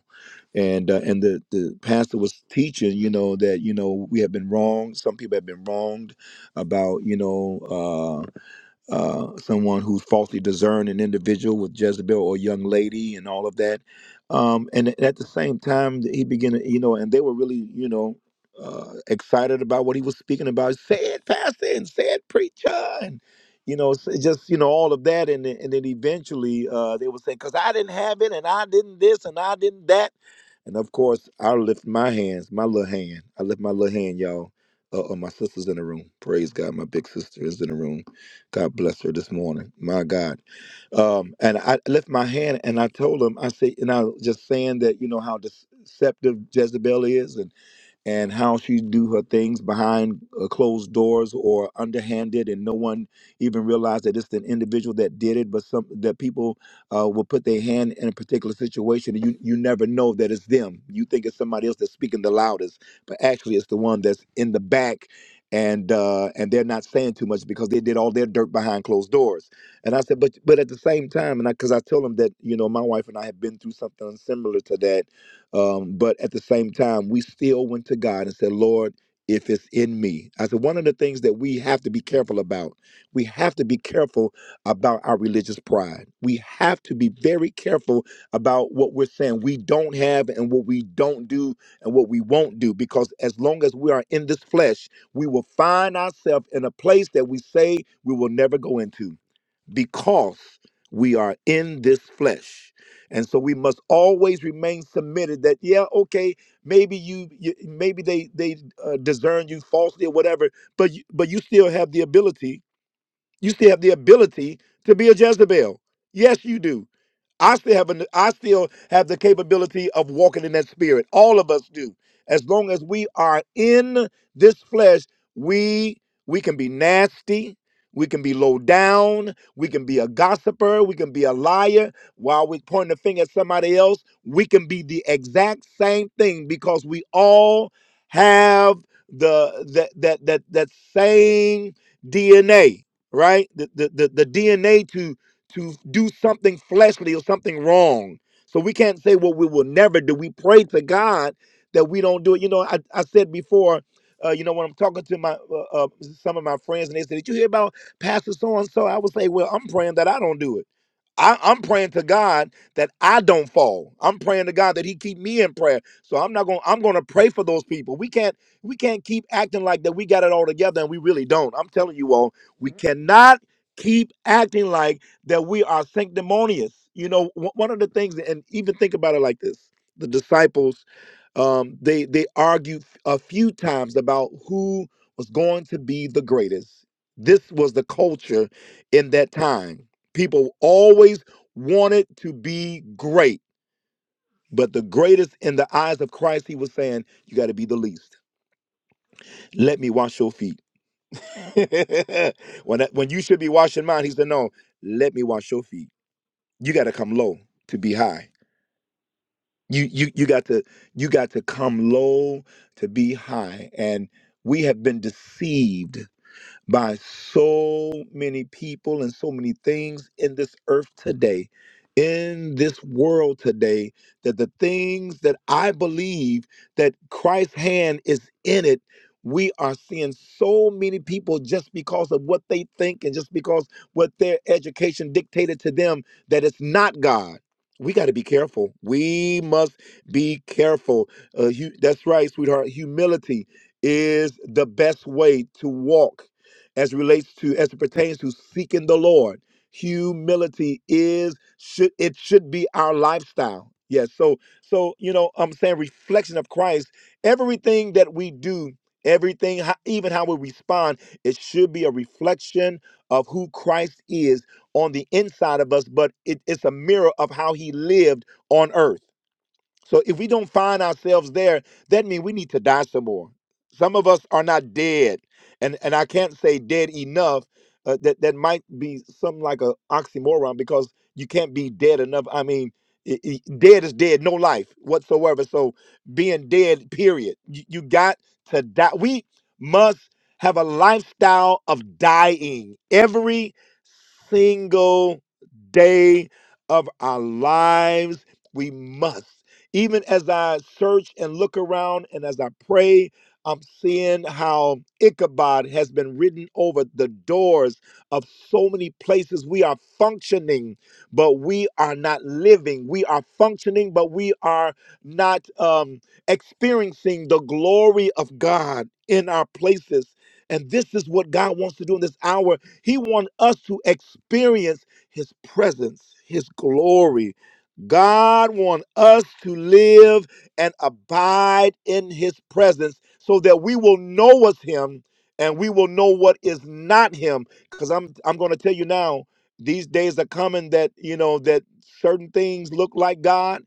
and uh, and the the pastor was teaching you know that you know we have been wronged some people have been wronged about you know uh uh someone who's falsely discerned an individual with jezebel or a young lady and all of that um and at the same time he began to, you know and they were really you know uh excited about what he was speaking about Say it, pastor and say it, preacher and you know, s- just you know all of that, and then- and then eventually uh, they were saying, "Cause I didn't have it, and I didn't this, and I didn't that," And of course, I lift my hands, my little hand. I lift my little hand, y'all. Uh, uh, my sister's in the room. Praise God. My big sister is in the room. God bless her this morning. My God. Um, and I lift my hand and I told him, I say, and I was just saying that, you know, how deceptive Jezebel is. and and how she do her things behind uh, closed doors or underhanded, and no one even realized that it's an individual that did it. But some that people uh, will put their hand in a particular situation, and you you never know that it's them. You think it's somebody else that's speaking the loudest, but actually it's the one that's in the back, and uh, and they're not saying too much because they did all their dirt behind closed doors. And I said, but but at the same time, and because I, 'cause I tell them that you know my wife and I have been through something similar to that um, but at the same time, we still went to God and said, Lord, if it's in me. I said, one of the things that we have to be careful about, we have to be careful about our religious pride. We have to be very careful about what we're saying we don't have and what we don't do and what we won't do. Because as long as we are in this flesh, we will find ourselves in a place that we say we will never go into because we are in this flesh. And so we must always remain submitted that, yeah, okay, maybe you, you maybe they, they uh, discern you falsely or whatever, but, you, but you still have the ability, you still have the ability to be a Jezebel. Yes, you do. I still have an, I still have the capability of walking in that spirit. All of us do. As long as we are in this flesh, we we can be nasty, we can be low down, we can be a gossiper, we can be a liar. While we point the finger at somebody else, we can be the exact same thing because we all have the that that that that same DNA, right? The the the, the DNA to do something fleshly or something wrong. So we can't say, well, we will never do. We pray to God that we don't do it. You know, I, I said before, uh, you know, when I'm talking to my uh, uh, some of my friends and they said, did you hear about Pastor so and so? I would say, well, I'm praying that I don't do it. I, I'm praying to God that I don't fall. I'm praying to God that He keep me in prayer. So I'm not going. I'm going to pray for those people. We can't. We can't keep acting like that. We got it all together, and we really don't. I'm telling you all, we cannot keep acting like that we are sanctimonious. You know, one one of the things, and even think about it like this: the disciples, um, they they argued a few times about who was going to be the greatest. This was the culture in that time. People always wanted to be great, but the greatest in the eyes of Christ, he was saying, "You got to be the least. Let me wash your feet." <laughs> when that, when you should be washing mine, he said, "No, let me wash your feet. You got to come low to be high." you you you got to you got to come low to be high and we have been deceived by so many people and so many things in this earth today, in this world today, that the things that I believe that Christ's hand is in it, we are seeing so many people just because of what they think and just because what their education dictated to them that it's not God. We got to be careful. We must be careful. Uh, hu- that's right, sweetheart. Humility is the best way to walk as it relates to as it pertains to seeking the Lord. Humility is should it should be our lifestyle. Yes. So so you know I'm saying reflection of Christ. Everything that we do, everything ho- even how we respond, it should be a reflection of who Christ is on the inside of us. But it, it's a mirror of how He lived on earth. So if we don't find ourselves there, that means we need to die some more. Some of us are not dead, and and I can't say dead enough. Uh, that that might be something like a oxymoron because you can't be dead enough. I mean, i- i- dead is dead, no life whatsoever. So being dead, period. You, you got to die. We must have a lifestyle of dying. every single day of our lives. We must. Even as I search and look around and as I pray, I'm seeing how Ichabod has been written over the doors of so many places. We are functioning, but we are not living. We are functioning, but we are not um, experiencing the glory of God in our places. And this is what God wants to do in this hour he wants us to experience His presence, His glory. God wants us to live and abide in His presence so that we will know us Him and we will know what is not Him. Because I'm I'm going to tell you now, these days are coming that you know that certain things look like God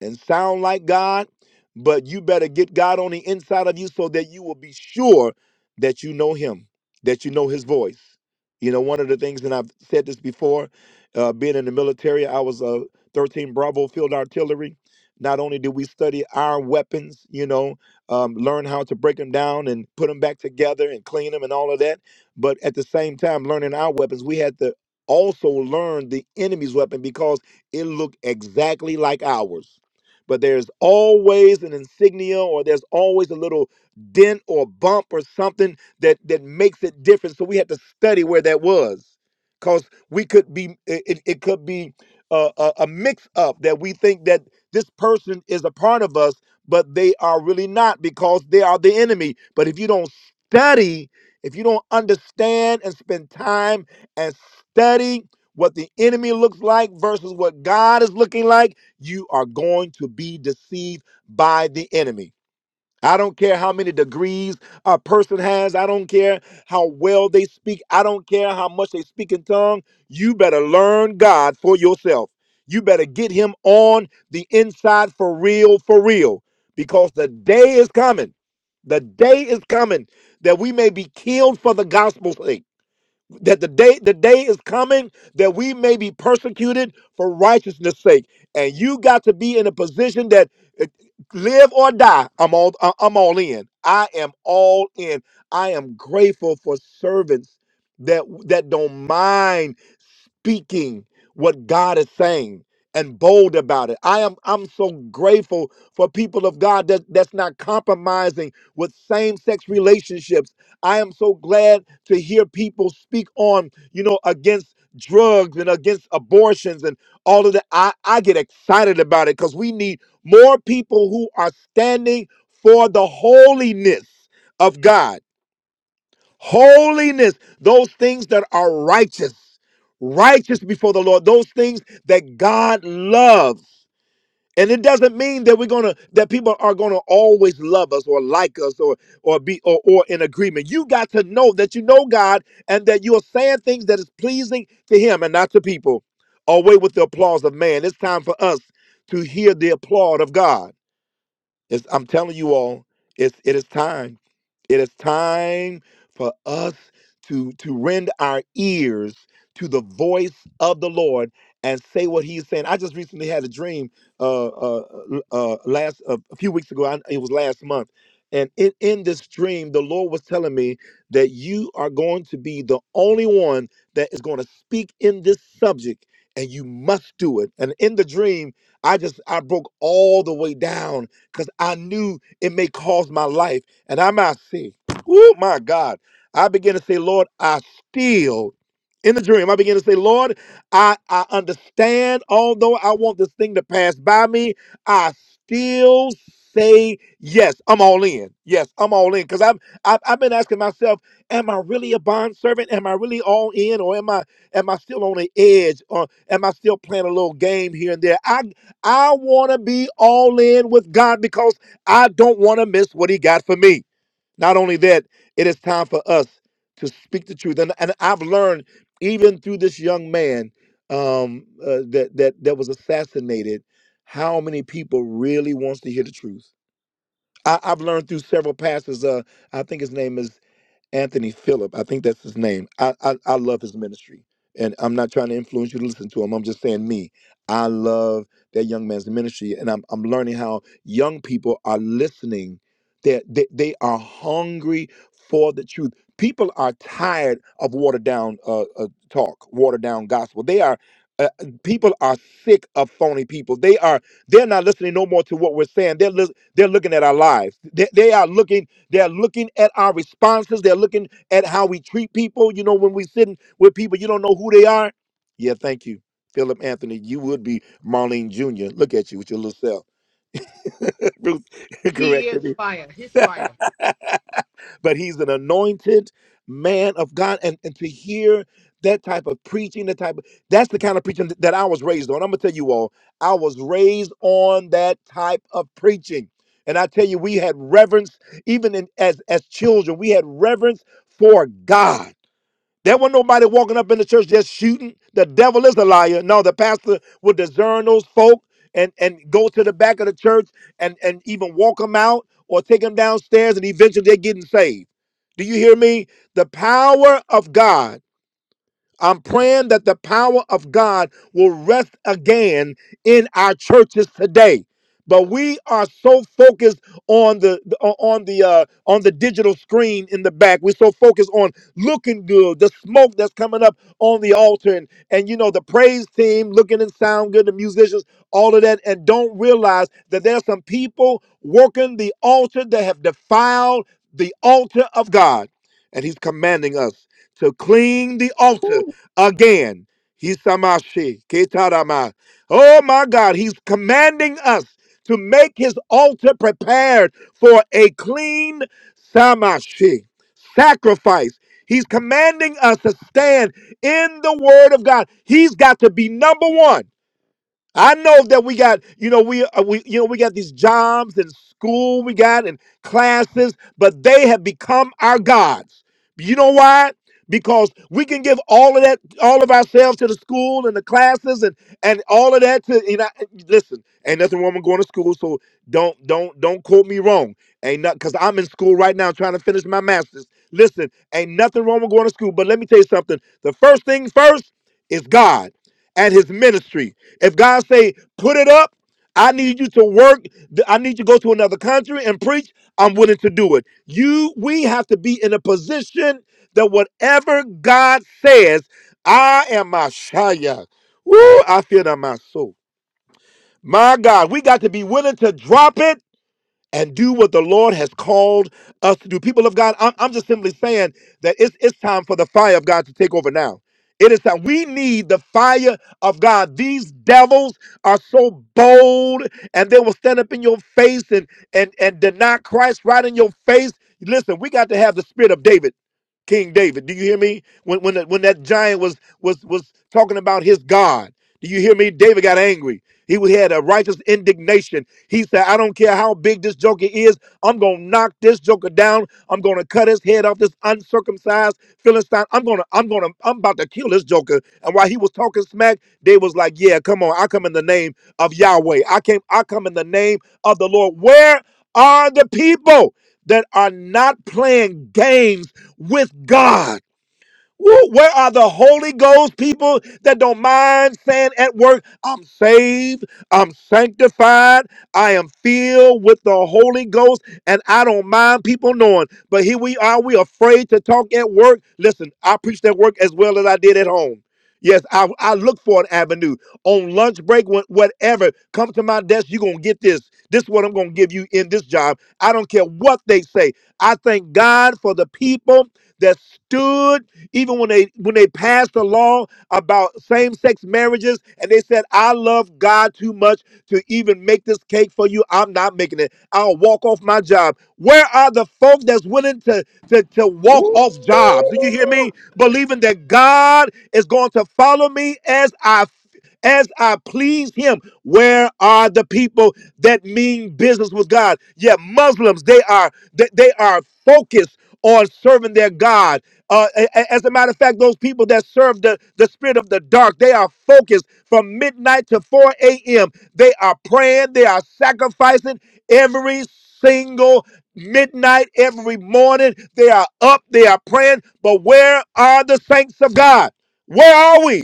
and sound like God, but you better get God on the inside of you so that you will be sure that you know Him, that you know His voice. You know, one of the things, and I've said this before, uh, being in the military, I was a 13 Bravo field artillery. Not only did we study our weapons, you know, um, learn how to break them down and put them back together and clean them and all of that, but at the same time, learning our weapons, we had to also learn the enemy's weapon because it looked exactly like ours. But there's always an insignia or there's always a little dent or bump or something that that makes it different. So we had to study where that was, because we could be it, it it could be a, a, a mix up that we think that this person is a part of us, but they are really not because they are the enemy. But if you don't study, if you don't understand and spend time and study what the enemy looks like versus what God is looking like, you are going to be deceived by the enemy. I don't care how many degrees a person has. I don't care how well they speak. I don't care how much they speak in tongue. You better learn God for yourself. You better get him on the inside for real, for real, because the day is coming. The day is coming that we may be killed for the gospel's sake that the day the day is coming that we may be persecuted for righteousness sake and you got to be in a position that uh, live or die i'm all I- i'm all in i am all in i am grateful for servants that that don't mind speaking what God is saying and bold about it. I am I'm so grateful for people of God that that's not compromising with same-sex relationships. I am so glad to hear people speak on, you know, against drugs and against abortions and all of that. I, I get excited about it because we need more people who are standing for the holiness of God. Holiness, those things that are righteous, righteous before the Lord, those things that God loves. And it doesn't mean that we're gonna that people are gonna always love us or like us or or be or, or in agreement. You got to know that you know God and that you are saying things that is pleasing to Him and not to people. Away with the applause of man. It's time for us to hear the applaud of God. It's, I'm telling you all, it's, it is time. It is time for us to, to rend our ears to the voice of the Lord and say what He is saying. I just recently had a dream uh, uh, uh, last uh, a few weeks ago. I, it was last month, and it, in this dream, the Lord was telling me that you are going to be the only one that is going to speak in this subject, and you must do it. And in the dream, I just I broke all the way down because I knew it may cost my life. And I might say, oh my God. I began to say, Lord, I still, in the dream, I began to say, Lord, I, I understand, although I want this thing to pass by me, I still say yes i'm all in yes i'm all in because I've, I've i've been asking myself am i really a bond servant am i really all in or am i am i still on the edge or am i still playing a little game here and there I want to be all in with God because I don't want to miss what He got for me. Not only that, it is time for us to speak the truth. And, and I've learned even through this young man um, uh, that, that, that was assassinated, how many people really wants to hear the truth. I, I've learned through several pastors. Uh, I think his name is Anthony Phillip, I think that's his name. I, I I love his ministry, and I'm not trying to influence you to listen to him. I'm just saying me. I love that young man's ministry, and I'm I'm learning how young people are listening. They they, they are hungry for the truth. People are tired of watered down uh, uh, talk, watered down gospel. They are. Uh, people are sick of phony people. They are. They're not listening no more to what we're saying. They're lis- they're looking at our lives. They, they are looking they're looking at our responses. They're looking at how we treat people. You know, when we're sitting with people, you don't know who they are. Yeah, thank you. Philip Anthony, you would be Marlene Jr. Look at you with your little self. <laughs> Ruth <laughs> He corrected is fire. His me. fire. <laughs> but he's an anointed man of God. And, and to hear that type of preaching, that type of that's the kind of preaching th- that I was raised on. I'm gonna tell you all, I was raised on that type of preaching. And I tell you, we had reverence, even in, as as children, we had reverence for God. There wasn't nobody walking up in the church just shooting. The devil is a liar. No, the pastor would discern those folk and, and go to the back of the church and, and even walk them out or take them downstairs and eventually they're getting saved. Do you hear me? The power of God. I'm praying that the power of God will rest again in our churches today. But we are so focused on the on the uh, on the digital screen in the back. We're so focused on looking good, the smoke that's coming up on the altar, and, and you know the praise team looking and sound good, the musicians, all of that, and don't realize that there's some people working the altar that have defiled the altar of God, and He's commanding us to clean the altar Ooh, again. Hisamashi, Ketarama. Oh my God, he's commanding us to make his altar prepared for a clean samashi, sacrifice. He's commanding us to stand in the word of God. He's got to be number one. I know that we got, you know, we uh, we you know we got these jobs and school we got and classes, but they have become our gods. You know why? Because we can give all of that, all of ourselves to the school and the classes and and all of that to you know. eh, Listen, ain't nothing wrong with going to school, so don't don't don't quote me wrong. Ain't not because I'm in school right now trying to finish my master's. Listen, ain't nothing wrong with going to school, but let me tell you something. The first thing first is God at his ministry. If God say, put it up, I need you to work, th- I need you to go to another country and preach, I'm willing to do it. You we have to be in a position that whatever God says, I am my Shia. Woo, I feel that in my soul. My God, we got to be willing to drop it and do what the Lord has called us to do. People of God, I'm, I'm just simply saying that it's, it's time for the fire of God to take over now. It is time. We need the fire of God. These devils are so bold and they will stand up in your face and, and, and deny Christ right in your face. Listen, we got to have the spirit of David. King David, do you hear me? When when that- when that giant was was was talking about his God, do you hear me? David got angry. He was- he had a righteous indignation. He said, I don't care how big this joker is. I'm going to knock this joker down. I'm going to cut his head off, this uncircumcised Philistine. I'm going to, I'm going to, I'm about to kill this joker. And while he was talking smack, they was like, yeah, come on. I come in the name of Yahweh. I came, I come in the name of the Lord. Where are the people that are not playing games with God? Woo, where are the Holy Ghost people that don't mind saying at work, I'm saved, I'm sanctified, I am filled with the Holy Ghost, and I don't mind people knowing. But here we are, we afraid to talk at work. Listen, I preached at work as well as I did at home. Yes, I, I look for an avenue. On lunch break, wh- whatever, come to my desk, you're going to get this. This is what I'm going to give you in this job. I don't care what they say. I thank God for the people that stood even when they when they passed a law about same-sex marriages and they said, I love God too much to even make this cake for you. I'm not making it. I'll walk off my job. Where are the folks that's willing to, to, to walk ooh, off jobs? Do you hear me? Believing that God is going to follow me as I as I please him. Where are the people that mean business with God? Yeah, Muslims, they are they, they are focused on serving their God. Uh, a- a- as a matter of fact, those people that serve the, the spirit of the dark, they are focused from midnight to 4 a.m. They are praying, they are sacrificing every single midnight, every morning. They are up, they are praying. But where are the saints of God? Where are we?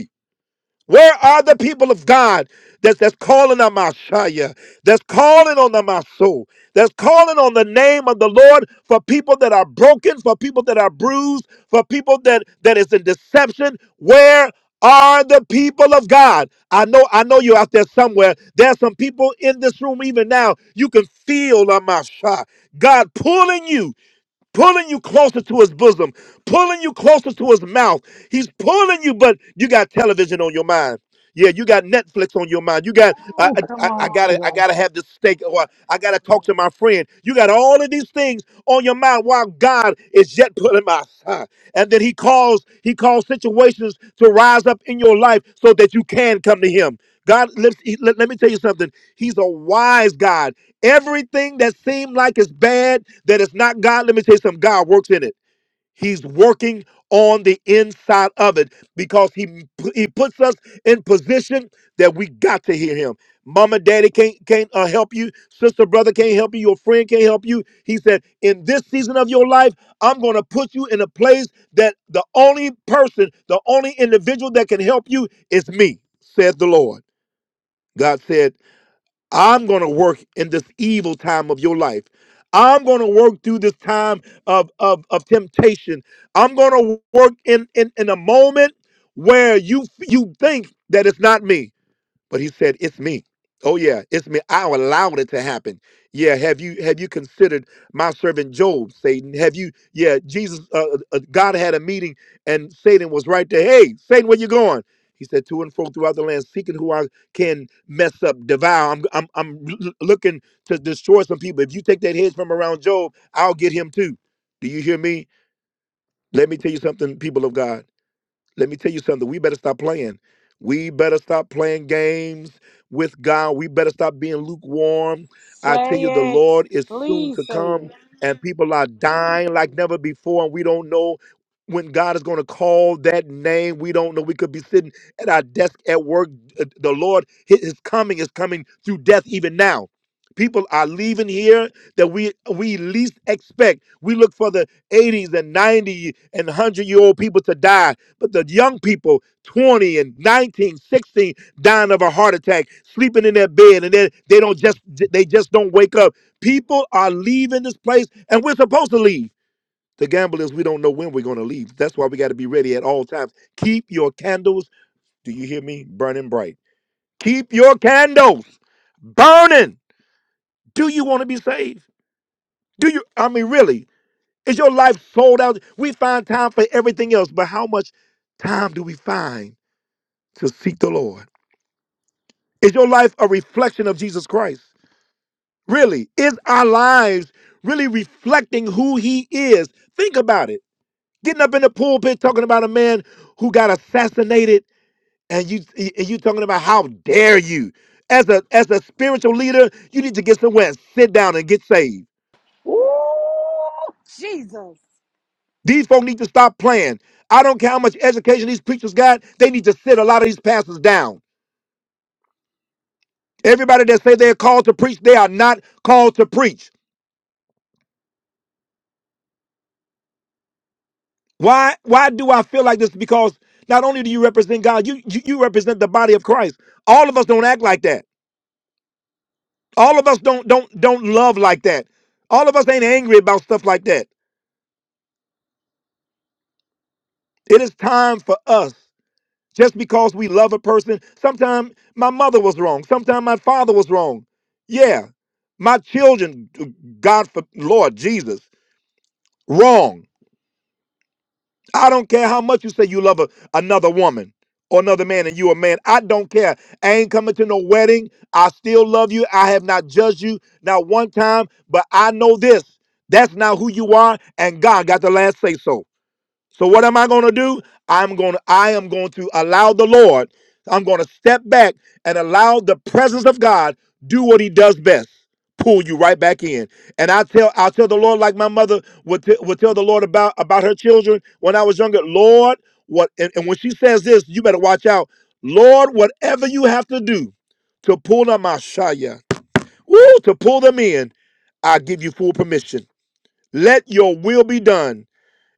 Where are the people of God that's, that's calling on Messiah, that's calling on the Maso, that's calling on the name of the Lord for people that are broken, for people that are bruised, for people that that is in deception? Where are the people of God? I know, I know you're out there somewhere. There's some people in this room even now. You can feel on my God pulling you pulling you closer to his bosom, pulling you closer to his mouth. He's pulling you, but you got television on your mind. Yeah, you got Netflix on your mind. You got I, ooh, I, come I I on, Holy gotta I Ghost. gotta have this steak, or I gotta talk to my friend. You got all of these things on your mind while God is yet pulling my side. And then He calls He calls situations to rise up in your life so that you can come to Him. God, let, let, let me tell you something. He's a wise God. Everything that seemed like it's bad, that it's not God, let me tell you something. God works in it. He's working on the inside of it because he he puts us in position that we got to hear him. Mama, daddy can't can't uh, help you. Sister, brother can't help you. Your friend can't help you. He said, in this season of your life, I'm going to put you in a place that the only person, the only individual that can help you is me, said the Lord. God said. I'm going to work in this evil time of your life. I'm going to work through this time of, of, of temptation. I'm going to work in, in, in a moment where you you think that it's not me but he said it's me oh yeah it's me i allowed it to happen yeah have you have you considered my servant job satan have you yeah jesus uh, uh, uh, god had a meeting and satan was right there hey satan where you going he said to and fro throughout the land seeking who i can mess up devour i'm i'm, I'm l- looking to destroy some people if you take that hedge from around job i'll get him too do you hear me let me tell you something people of god let me tell you something. We better stop playing. We better stop playing games with God. We better stop being lukewarm. I tell you, the Say it. Lord is soon Please to say it. come, and people are dying like never before, and we don't know when God is going to call that name. We don't know. We could be sitting at our desk at work. Uh, The Lord, hi- His coming is coming through death even now. People are leaving here that we we least expect. We look for the 80s and 90 and 100 year old people to die but the young people, 20 and 19, 16, dying of a heart attack, sleeping in their bed, and then they don't just they just don't wake up. People are leaving this place, and we're supposed to leave. The gamble is we don't know when we're going to leave. That's why we got to be ready at all times. Keep your candles. Do you hear me? Burning bright. Keep your candles burning. Do you want to be saved? Do you? I mean, really? Is your life sold out? We find time for everything else, but how much time do we find to seek the Lord? Is your life a reflection of Jesus Christ? Really? Is our lives really reflecting who he is? Think about it. Getting up in the pulpit talking about a man who got assassinated and you and you talking about how dare you? As a as a spiritual leader, you need to get somewhere and sit down and get saved. Ooh, Jesus. These folk need to stop playing. I don't care how much education these preachers got, they need to sit a lot of these pastors down. Everybody that say they're called to preach, they are not called to preach. Why why do I feel like this? Because not only do you represent God, you, you you represent the body of Christ. All of us don't act like that. All of us don't don't don't love like that. All of us ain't angry about stuff like that. It is time for us. Just because we love a person, sometimes my mother was wrong. Sometimes my father was wrong. Yeah. My children, God for Lord Jesus, wrong. I don't care how much you say you love a, another woman or another man and you a man. I don't care. I ain't coming to no wedding. I still love you. I have not judged you not one time, but I know this. That's not who you are, and God got the last say so. So what am I going to do? I'm going to I am going to allow the Lord. I'm going to step back and allow the presence of God do what he does best. Pull you right back in. And I tell I will tell the Lord like my mother would, t- would tell the Lord about about her children when I was younger, Lord, what and, and when she says this, you better watch out. Lord, whatever you have to do to pull them out, Shia, woo, to pull them in, I give you full permission. Let your will be done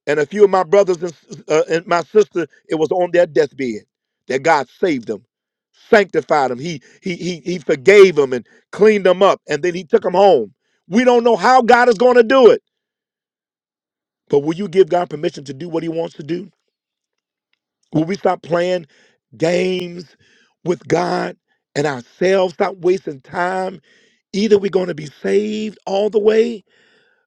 and a few of my brothers and, uh, and my sister, it was on their deathbed that God saved them, sanctified them. He, he, he, he forgave them and cleaned them up. And then he took them home. We don't know how God is going to do it. But will you give God permission to do what he wants to do? Will we stop playing games with God and ourselves? Stop wasting time. Either we're going to be saved all the way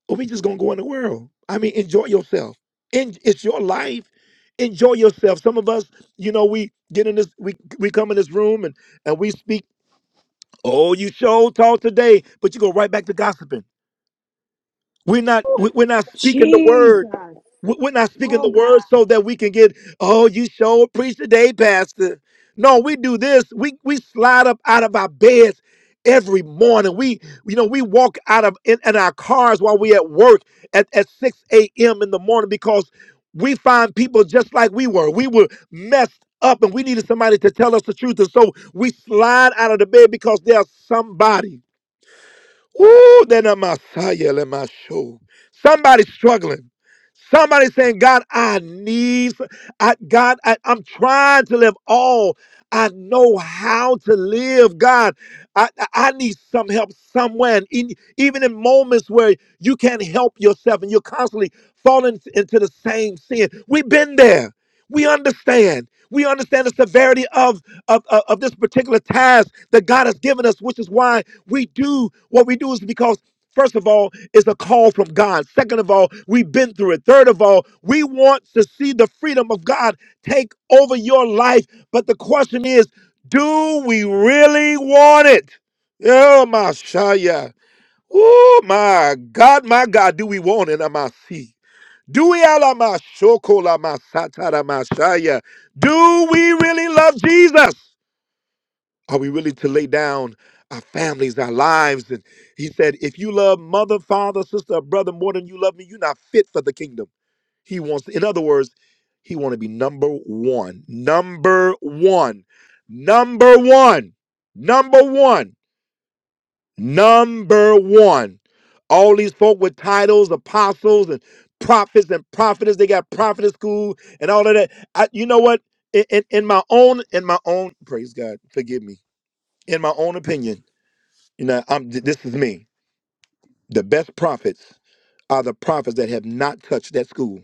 Or we just gonna go in the world. I mean, enjoy yourself. And it's your life. Enjoy yourself. Some of us, you know, we get in this, we we come in this room and and we speak. Oh, you show talk today, but you go right back to gossiping. We're not Ooh, we- we're not speaking the word. Jesus. We- We're not speaking Oh, the God. word so that we can get, oh, you sure preach today, Pastor. No, we do this. We we slide up out of our beds every morning. We, you know, we walk out of in, in our cars while we at work at, at 6 a.m. in the morning because we find people just like we were. We were messed up and we needed somebody to tell us the truth. And so we slide out of the bed because there's somebody. Woo, then I'm Messiah, let my show. Somebody's struggling. Somebody's saying, God, I need, I, God, I, I'm trying to live all I know how to live. God, I, I I need some help somewhere. And in, even in moments where you can't help yourself and you're constantly falling into the same sin, we've been there. We understand. We understand the severity of of, of, of this particular task that God has given us, which is why we do what we do is because, first of all, it's a call from God. Second of all, we've been through it. Third of all, we want to see the freedom of God take over your life. But the question is, do we really want it? Oh, my Shaya. Oh, my God, my God, do we want it? Am I see? Do we ala ma shoko la ma satara ma shaya? Do we really love Jesus? Are we willing to lay down our families, our lives? And he said, if you love mother, father, sister, or brother more than you love me, you're not fit for the kingdom. He wants, in other words, he want to be number one, number one, number one, number one, number one. All these folk with titles, apostles and prophets and prophetess, they got prophetess school and all of that. I, you know what? In, in, in my own, in my own, praise God, forgive me in my own opinion, you know, I'm, this is me. The best prophets, are the prophets that have not touched that school,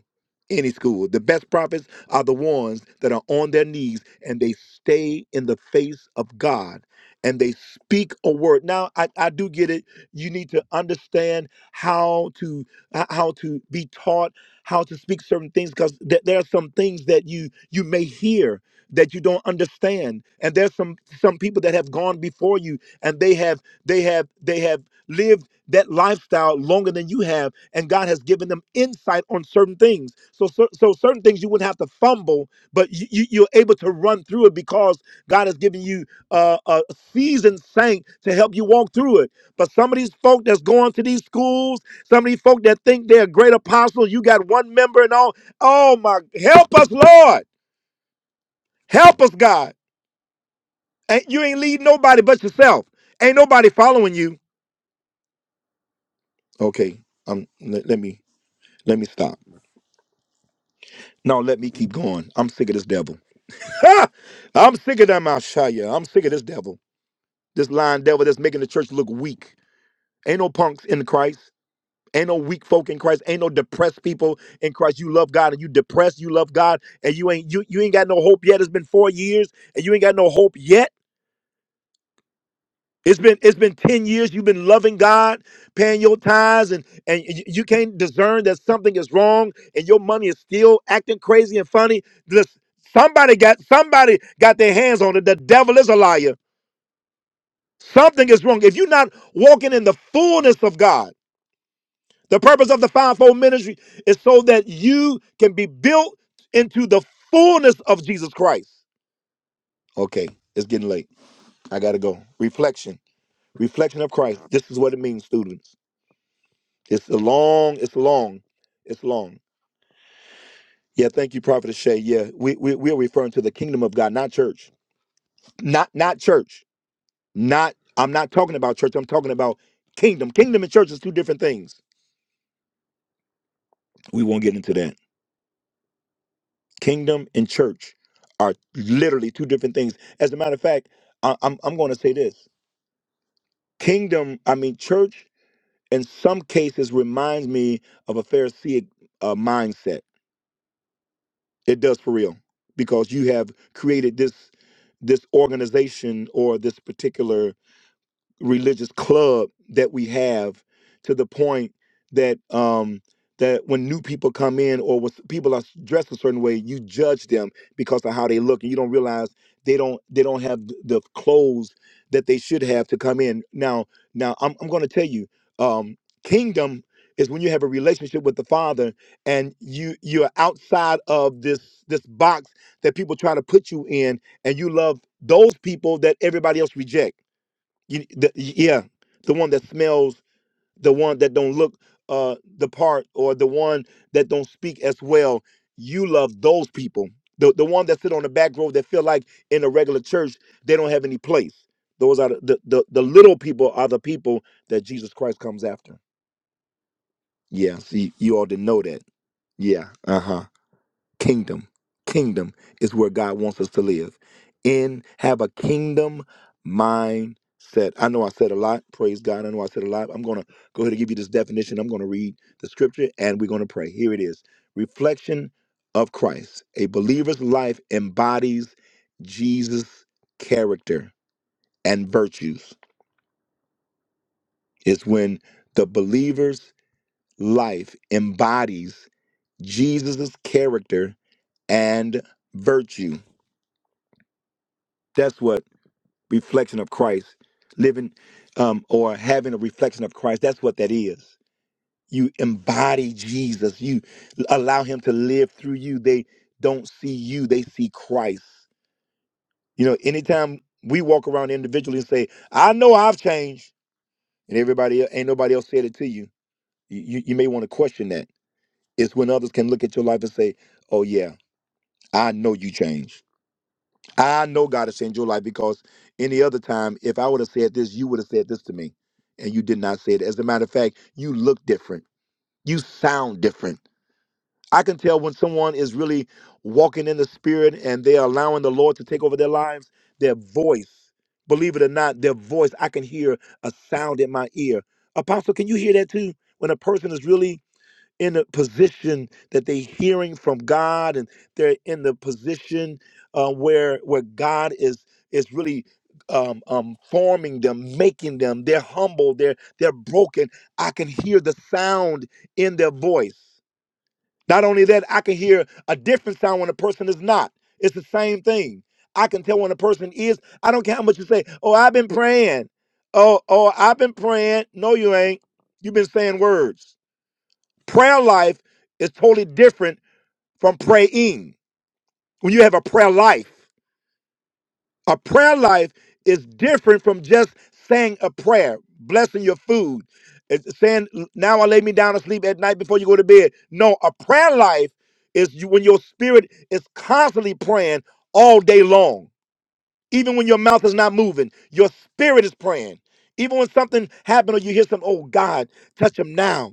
any school. The best prophets are the ones that are on their knees and they stay in the face of God and they speak a word. Now, I, I do get it. You need to understand how to h- how to be taught how to speak certain things because there are some things that you you may hear that you don't understand and there's some some people that have gone before you and they have they have they have lived that lifestyle longer than you have and god has given them insight on certain things so so, so certain things you wouldn't have to fumble but you, you, you're able to run through it because god has given you uh, a seasoned saint to help you walk through it but some of these folk that's going to these schools some of these folk that think they're great apostles you got one member and all oh my help us lord help us god and you ain't lead nobody but yourself ain't nobody following you okay um let let me let me stop No, let me keep going. I'm sick of this devil. <laughs> I'm sick of that Mashaya. I'm sick of this devil. This lying devil that's making the church look weak. Ain't no punks in Christ. Ain't no weak folk in Christ. Ain't no depressed people in Christ. You love God and you depressed. You love God and you ain't you you ain't got no hope yet. It's been four years and you ain't got no hope yet. It's been it's been 10 years you've been loving God, paying your tithes and and y- you can't discern that something is wrong and your money is still acting crazy and funny. Listen, somebody got somebody got their hands on it. The devil is a liar. Something is wrong. If you're not walking in the fullness of God, the purpose of the fivefold ministry is so that you can be built into the fullness of Jesus Christ. Okay, it's getting late. I got to go. Reflection. Reflection of Christ. This is what it means, students. It's a long, it's long, it's long. Yeah, thank you, Prophet Shay. Yeah, we, we we are referring to the kingdom of God, not church. Not not church. Not I'm not talking about church. I'm talking about kingdom. Kingdom and church is two different things. We won't get into that. Kingdom and church are literally two different things. As a matter of fact, I, I'm I'm going to say this. Kingdom, I mean church. In some cases, reminds me of a Pharisaic uh, mindset It does for real because you have created this this organization or this particular religious club that we have to the point that um that when new people come in or when people are dressed a certain way you judge them because of how they look and you don't realize they don't they don't have th- the clothes that they should have to come in now now i'm, I'm going to tell you um kingdom is when you have a relationship with the father and you you're outside of this this box that people try to put you in and you love those people that everybody else reject you, the, yeah, the one that smells, the one that don't look uh the part, or the one that don't speak as well. You love those people. The the one that sit on the back row that feel like in a regular church they don't have any place. Those are the the, the, the little people are the people that Jesus Christ comes after. Yeah, see, you all didn't know that. Yeah, uh huh kingdom kingdom is where god wants us to live in have a kingdom mindset i know i said a lot praise god i know i said a lot i'm going to go ahead and give you this definition i'm going to read the scripture and we're going to pray here it is reflection of christ a believer's life embodies jesus character and virtues it's when the believer's life embodies jesus character and virtue that's what reflection of Christ, living um, or having a reflection of Christ. That's what that is. You embody Jesus. You allow Him to live through you. They don't see you; they see Christ. You know, anytime we walk around individually and say, "I know I've changed," and everybody el- ain't nobody else said it to you, you you may want to question that. It's when others can look at your life and say, "Oh yeah, I know you changed." I know God has changed your life because any other time, if I would have said this, you would have said this to me, and you did not say it. As a matter of fact, you look different. You sound different. I can tell when someone is really walking in the spirit and they're allowing the Lord to take over their lives, their voice, believe it or not, their voice, I can hear a sound in my ear. Apostle, can you hear that too? When a person is really in a position that they're hearing from God and they're in the position uh, where where God is is really um, um, forming them, making them. They're humble. They're they're broken. I can hear the sound in their voice. Not only that, I can hear a different sound when a person is not. It's the same thing. I can tell when a person is. I don't care how much you say. Oh, I've been praying. Oh, oh, I've been praying. No, you ain't. You've been saying words. Prayer life is totally different from praying. When you have a prayer life, a prayer life is different from just saying a prayer, blessing your food, it's saying, Now I lay me down to sleep at night before you go to bed. No, a prayer life is you, when your spirit is constantly praying all day long. Even when your mouth is not moving, your spirit is praying. Even when something happens or you hear something, oh God, touch him now.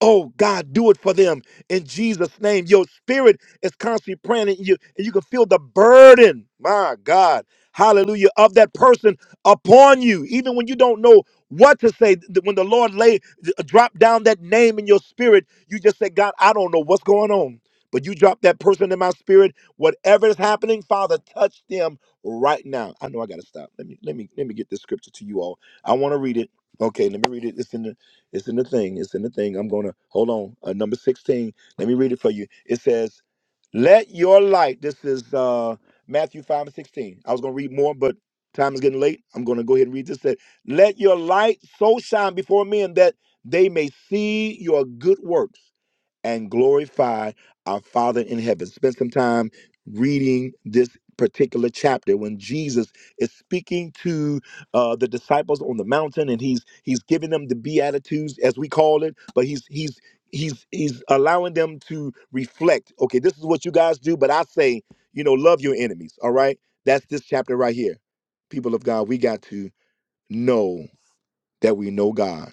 Oh God, do it for them in Jesus' name. Your spirit is constantly praying, in you and you can feel the burden, my God, hallelujah, of that person upon you, even when you don't know what to say. Th- When the Lord lay drop down that name in your spirit, you just say, God, I don't know what's going on. But you drop that person in my spirit, whatever is happening, Father, touch them right now. I know I gotta stop. Let me let me let me get this scripture to you all. I want to read it. Okay, let me read it. It's in the. It's in the thing. It's in the thing. I'm going to hold on. Uh, number 16. Let me read it for you. It says, Let your light. This is uh, Matthew 5 and 16. I was going to read more, but time is getting late. I'm going to go ahead and read this. That, Let your light so shine before men that they may see your good works and glorify our Father in heaven. Spend some time reading this particular chapter when Jesus is speaking to uh, the disciples on the mountain, and he's he's giving them the beatitudes as we call it, but he's he's he's he's allowing them to reflect. Okay, this is what you guys do, but I say, you know, love your enemies. All right, that's this chapter right here. People of God, we got to know that we know God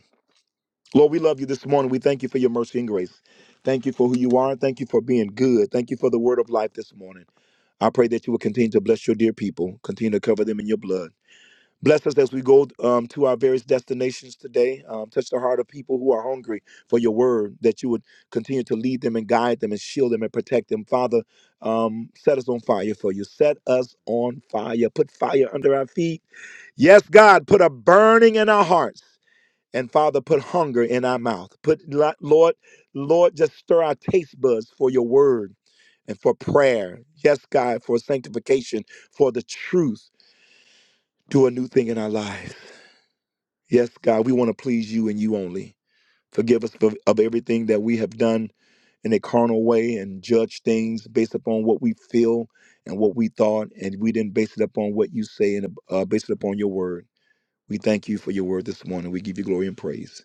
Lord, we love you this morning. We thank you for your mercy and grace. Thank you for who you are. Thank you for being good. Thank you for the word of life this morning. I pray that you will continue to bless your dear people, continue to cover them in your blood. Bless us as we go um, to our various destinations today. Um, touch the heart of people who are hungry for your word, that you would continue to lead them and guide them and shield them and protect them. Father, um, set us on fire for you. Set us on fire. Put fire under our feet. Yes, God, put a burning in our hearts and Father, put hunger in our mouth. Put Lord, Lord, just stir our taste buds for your word and for prayer. Yes, God, for sanctification, for the truth. Do a new thing in our lives. Yes, God, we want to please you and you only. Forgive us for, of everything that we have done in a carnal way and judge things based upon what we feel and what we thought, and we didn't base it upon what you say and uh, base it upon your word. We thank you for your word this morning. We give you glory and praise.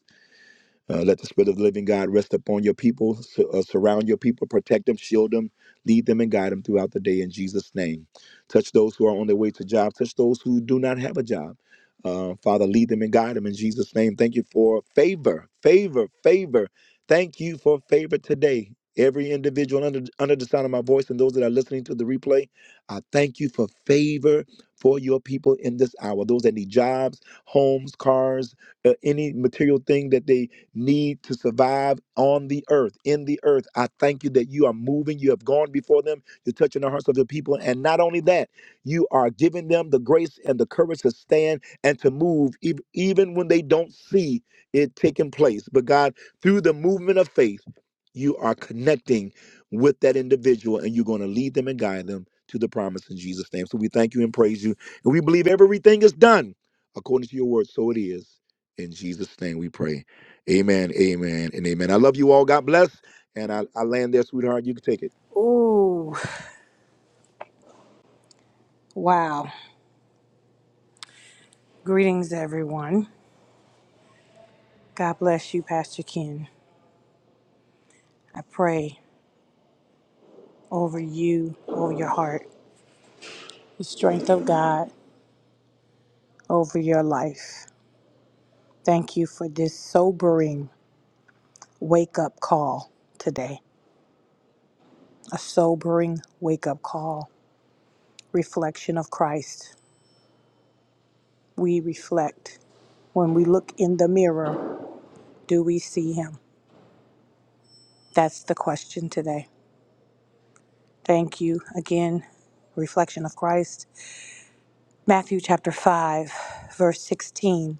Uh, let the Spirit of the living God rest upon your people, su- uh, surround your people, protect them, shield them, lead them, and guide them throughout the day in Jesus' name. Touch those who are on their way to job, touch those who do not have a job. Uh, Father, lead them and guide them in Jesus' name. Thank you for favor, favor, favor. Thank you for favor today. Every individual under, under the sound of my voice and those that are listening to the replay, I thank you for favor for your people in this hour. Those that need jobs, homes, cars, uh, any material thing that they need to survive on the earth, in the earth. I thank you that you are moving. You have gone before them. You're touching the hearts of the people. And not only that, you are giving them the grace and the courage to stand and to move, ev- even when they don't see it taking place. But God, through the movement of faith, you are connecting with that individual and you're going to lead them and guide them to the promise in Jesus' name. So we thank you and praise you. And we believe everything is done according to your word. So it is. In Jesus' name we pray. Amen, amen, and amen. I love you all. God bless. And I, I land there, sweetheart. You can take it. Ooh, wow. Greetings, everyone. God bless you, Pastor Ken. I pray over you, over your heart, the strength of God over your life. Thank you for this sobering wake up call today, a sobering wake up call, reflection of Christ. We reflect. When we look in the mirror, do we see Him? That's the question today. Thank you again. Reflection of Christ, Matthew chapter 5, verse 16.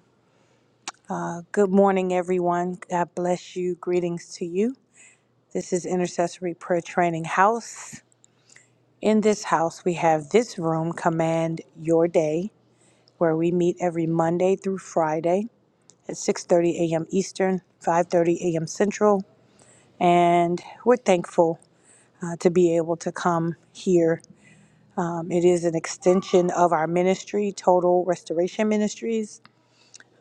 Good morning, everyone. God bless you. Greetings to you. This is Intercessory Prayer Training House. In this house, we have this room, Command Your Day, where we meet every Monday through Friday at 6:30 a.m. Eastern, 5:30 a.m. Central, and we're thankful uh, to be able to come here Um, it is an extension of our ministry, Total Restoration Ministries.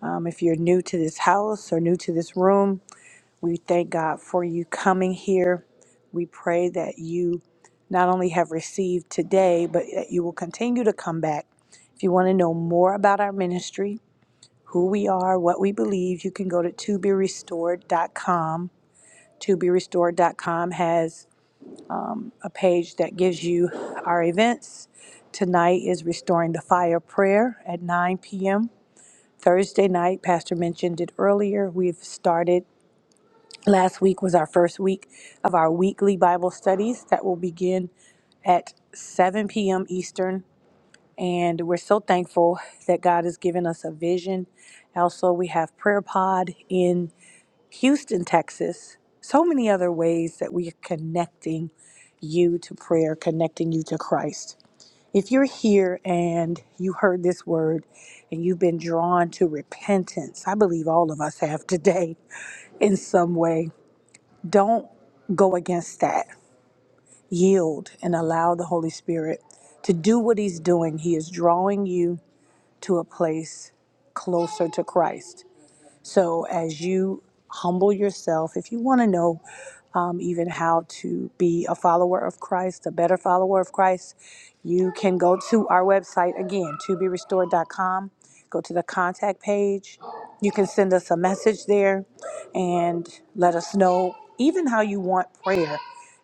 Um, if you're new to this house or new to this room, we thank God for you coming here. We pray that you not only have received today, but that you will continue to come back. If you want to know more about our ministry, who we are, what we believe, you can go to restored. restored. dot com. To be restored dot com has um, a page that gives you our events. Tonight is Restoring the Fire Prayer at 9 p.m. Thursday night, Pastor mentioned it earlier, we've started. Last week was our first week of our weekly Bible studies that will begin at 7 p.m. Eastern. And we're so thankful that God has given us a vision. Also, we have Prayer Pod in Houston, Texas, so many other ways that we are connecting you to prayer, connecting you to Christ. If you're here and you heard this word and you've been drawn to repentance, I believe all of us have <laughs> today in some way, don't go against that. Yield and allow the Holy Spirit to do what He's doing. He is drawing you to a place closer to Christ. So as you humble yourself, if you want to know um, even how to be a follower of Christ, a better follower of Christ, you can go to our website again, toberestored.com. Go to the contact page. You can send us a message there and let us know even how you want prayer.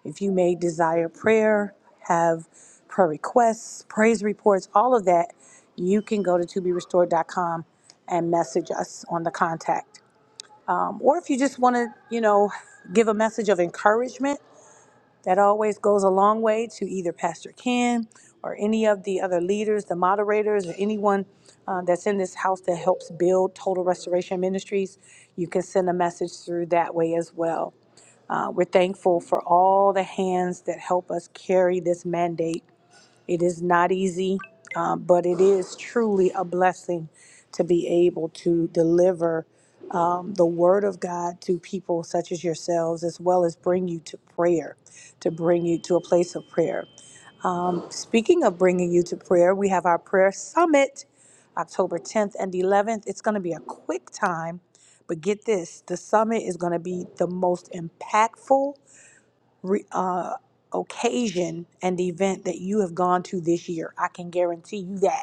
If you may desire prayer, have prayer requests, praise reports, all of that, you can go to to be restored dot com and message us on the contact. Um, or if you just want to, you know, give a message of encouragement, that always goes a long way to either Pastor Ken or any of the other leaders, the moderators, or anyone uh, that's in this house that helps build Total Restoration Ministries. You can send a message through that way as well. Uh, we're thankful for all the hands that help us carry this mandate it is not easy, uh, but it is truly a blessing to be able to deliver um, the word of God to people such as yourselves, as well as bring you to prayer, to bring you to a place of prayer. Um, speaking of bringing you to prayer, we have our prayer summit October 10th and 11th. It's going to be a quick time, but get this the summit is going to be the most impactful re, uh, occasion and event that you have gone to this year. I can guarantee you that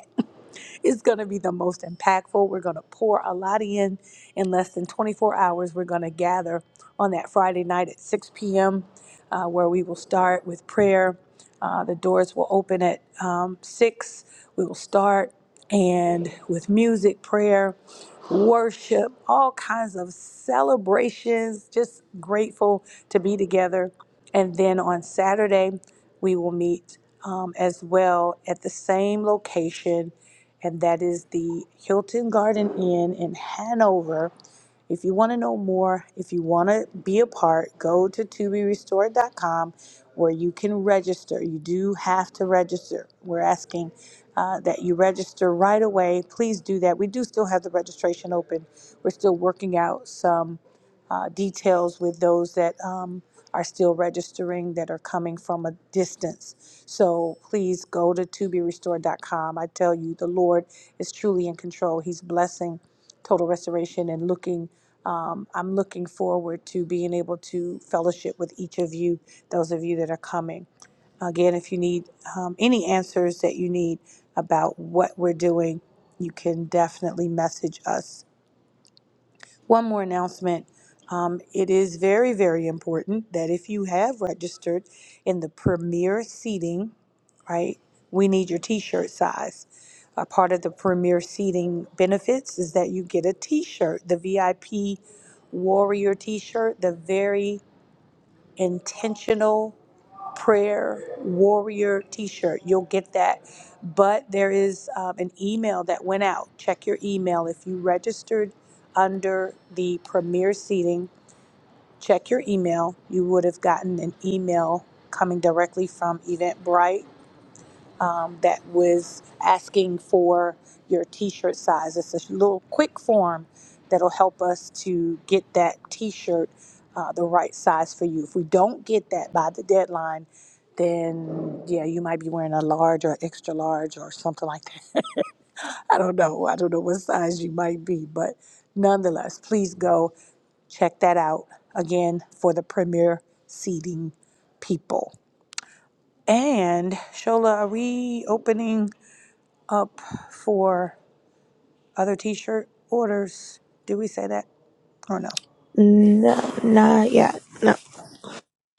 it's going to be the most impactful. We're going to pour a lot in in less than 24 hours. We're going to gather on that Friday night at 6 p.m., uh, where we will start with prayer. Uh, the doors will open at um, 6. We will start and with music, prayer, worship, all kinds of celebrations, just grateful to be together. And then on Saturday, we will meet um, as well at the same location and that is the Hilton Garden Inn in Hanover. If you want to know more, if you want to be a part, go to to be restored. dot com, where you can register. You do have to register. We're asking uh, that you register right away. Please do that. We do still have the registration open. We're still working out some uh, details with those that um, are still registering that are coming from a distance. So please go to to be restored. dot com. I tell you, the Lord is truly in control. He's blessing total restoration and looking um, I'm looking forward to being able to fellowship with each of you, those of you that are coming. Again, if you need um, any answers that you need about what we're doing, you can definitely message us one more announcement. Um, it is very, very important that if you have registered in the premier seating, right, we need your t shirt size. A part of the premier seating benefits is that you get a t shirt, the VIP warrior t shirt, the very intentional prayer warrior t-shirt you'll get that but there is um, an email that went out check your email if you registered under the premier seating check your email you would have gotten an email coming directly from eventbrite um, that was asking for your t-shirt size. It's a little quick form that'll help us to get that t-shirt uh, the right size for you. If we don't get that by the deadline, then yeah, you might be wearing a large or extra large or something like that. <laughs> I don't know. I don't know what size you might be, but nonetheless, please go check that out again for the premier seating people. And Shola, are we opening? up for other t-shirt orders. Did we say that or no? No, not yet. No.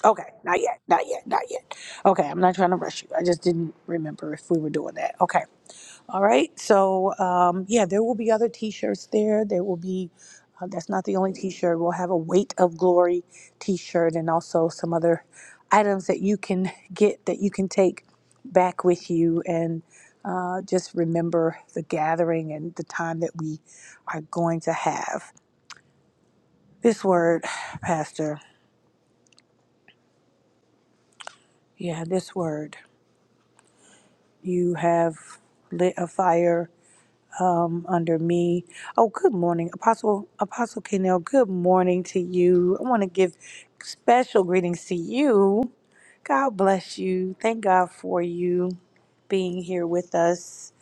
Okay, not yet, not yet, not yet. Okay, I'm not trying to rush you. I just didn't remember if we were doing that. Okay, all right. So um, yeah, there will be other T-shirts there. There will be. Uh, that's not the only T-shirt. We'll have a Weight of Glory T-shirt and also some other items that you can <laughs> get that you can take back with you and uh, just remember the gathering and the time that we are going to have. This word, <sighs> Pastor, yeah, this word. You have lit a fire um, under me. Oh, good morning, Apostle Apostle Kennel. Good morning to you. I want to give special greetings to you. God bless you. Thank God for you being here with us.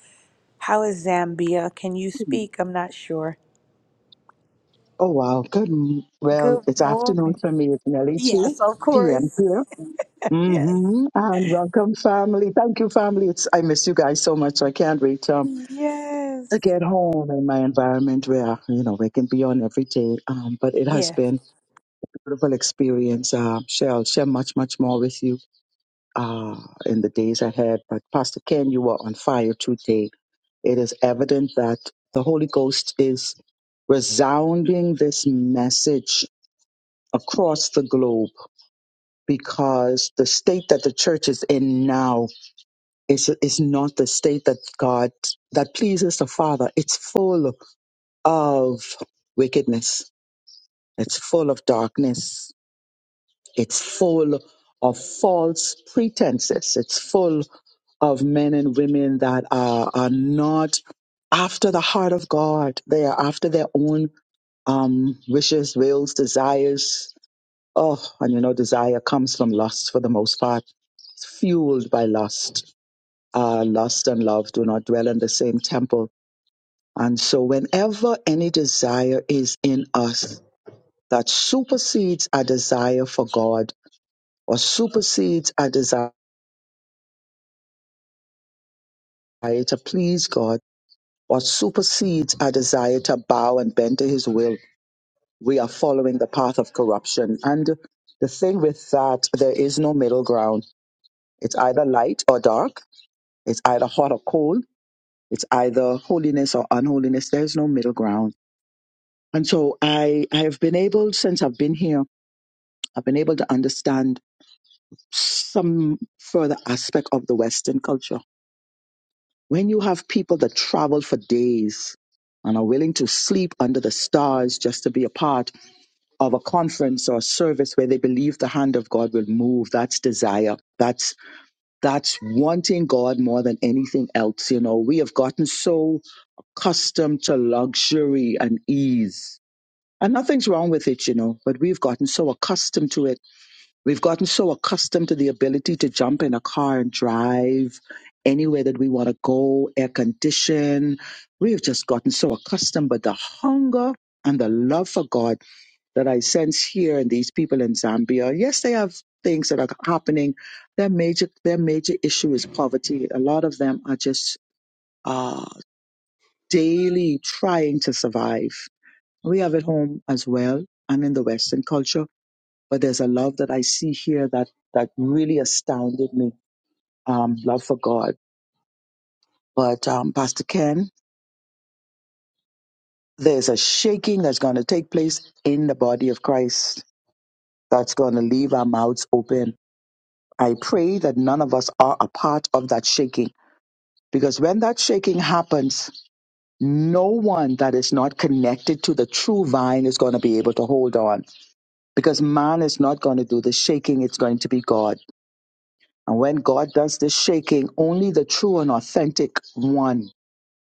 How is Zambia? Can you speak? I'm not sure. Oh wow, good. m- Well, Good it's afternoon morning. for me. It's nearly Yes, two of p.m. course. <laughs> here. Yes. hmm And welcome, family. Thank you, family. It's I miss you guys so much. I can't wait um, to Yes. get home in my environment where you know we can be on every day. Um, but it has Yes. been a beautiful experience. Um, share I'll share much much more with you uh, in the days ahead. But Pastor Ken, you were on fire today. It is evident that the Holy Ghost is resounding this message across the globe because the state that the church is in now is is not the state that God that pleases the Father. It's full of wickedness. It's full of darkness. It's full of false pretenses. It's full of men and women that are are not after the heart of God. They are after their own um, wishes, wills, desires, Oh, and you know, desire comes from lust for the most part. It's fueled by lust. Uh, lust and love do not dwell in the same temple. And so, whenever any desire is in us that supersedes our desire for God, or supersedes our desire to please God, or supersedes our desire to bow and bend to His will, we are following the path of corruption. And the thing with that, there is no middle ground. It's either light or dark It's either hot or cold. It's either holiness or unholiness. There's no middle ground. And so I, I have been able, since I've been here, I've been able to understand some further aspect of the Western culture. When you have people that travel for days and are willing to sleep under the stars just to be a part of a conference or a service where they believe the hand of God will move, that's desire. That's that's wanting God more than anything else. You know, we have gotten so accustomed to luxury and ease. And nothing's wrong with it, you know, but we've gotten so accustomed to it. We've gotten so accustomed to the ability to jump in a car and drive anywhere that we want to go, air condition. We've just gotten so accustomed, but the hunger and the love for God that I sense here in these people in Zambia, yes, they have things that are happening. Their major, their major issue is poverty. A lot of them are just uh, daily trying to survive. We have it home as well and in the Western culture, but there's a love that I see here that, that really astounded me. Um, love for God. But, um, Pastor Ken, there's a shaking that's going to take place in the body of Christ that's going to leave our mouths open. I pray that none of us are a part of that shaking because when that shaking happens, no one that is not connected to the true vine is going to be able to hold on because man is not going to do the shaking, it's going to be God. And when God does the shaking, only the true and authentic one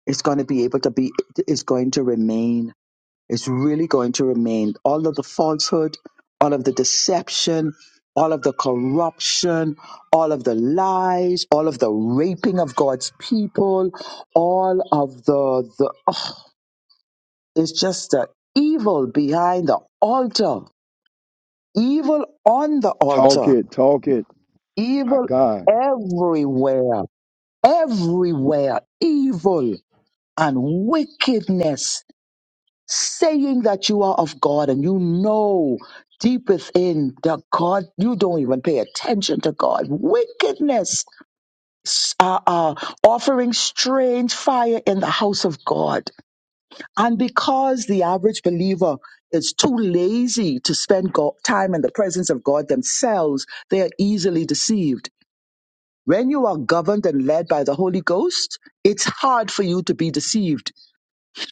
is going to be able to be, is going to remain, is really going to remain. All of the falsehood, all of the deception, all of the corruption, all of the lies, all of the raping of God's people, all of the, the oh, it's just the evil behind the altar, evil on the Talk altar it, talk my Evil God. everywhere, everywhere, evil and wickedness, saying that you are of God and you know deep within that God, you don't even pay attention to God. Wickedness, s- uh, uh, offering strange fire in the house of God. And because the average believer is too lazy to spend go- time in the presence of God themselves, they are easily deceived When you are governed and led by the Holy Ghost, it's hard for you to be deceived.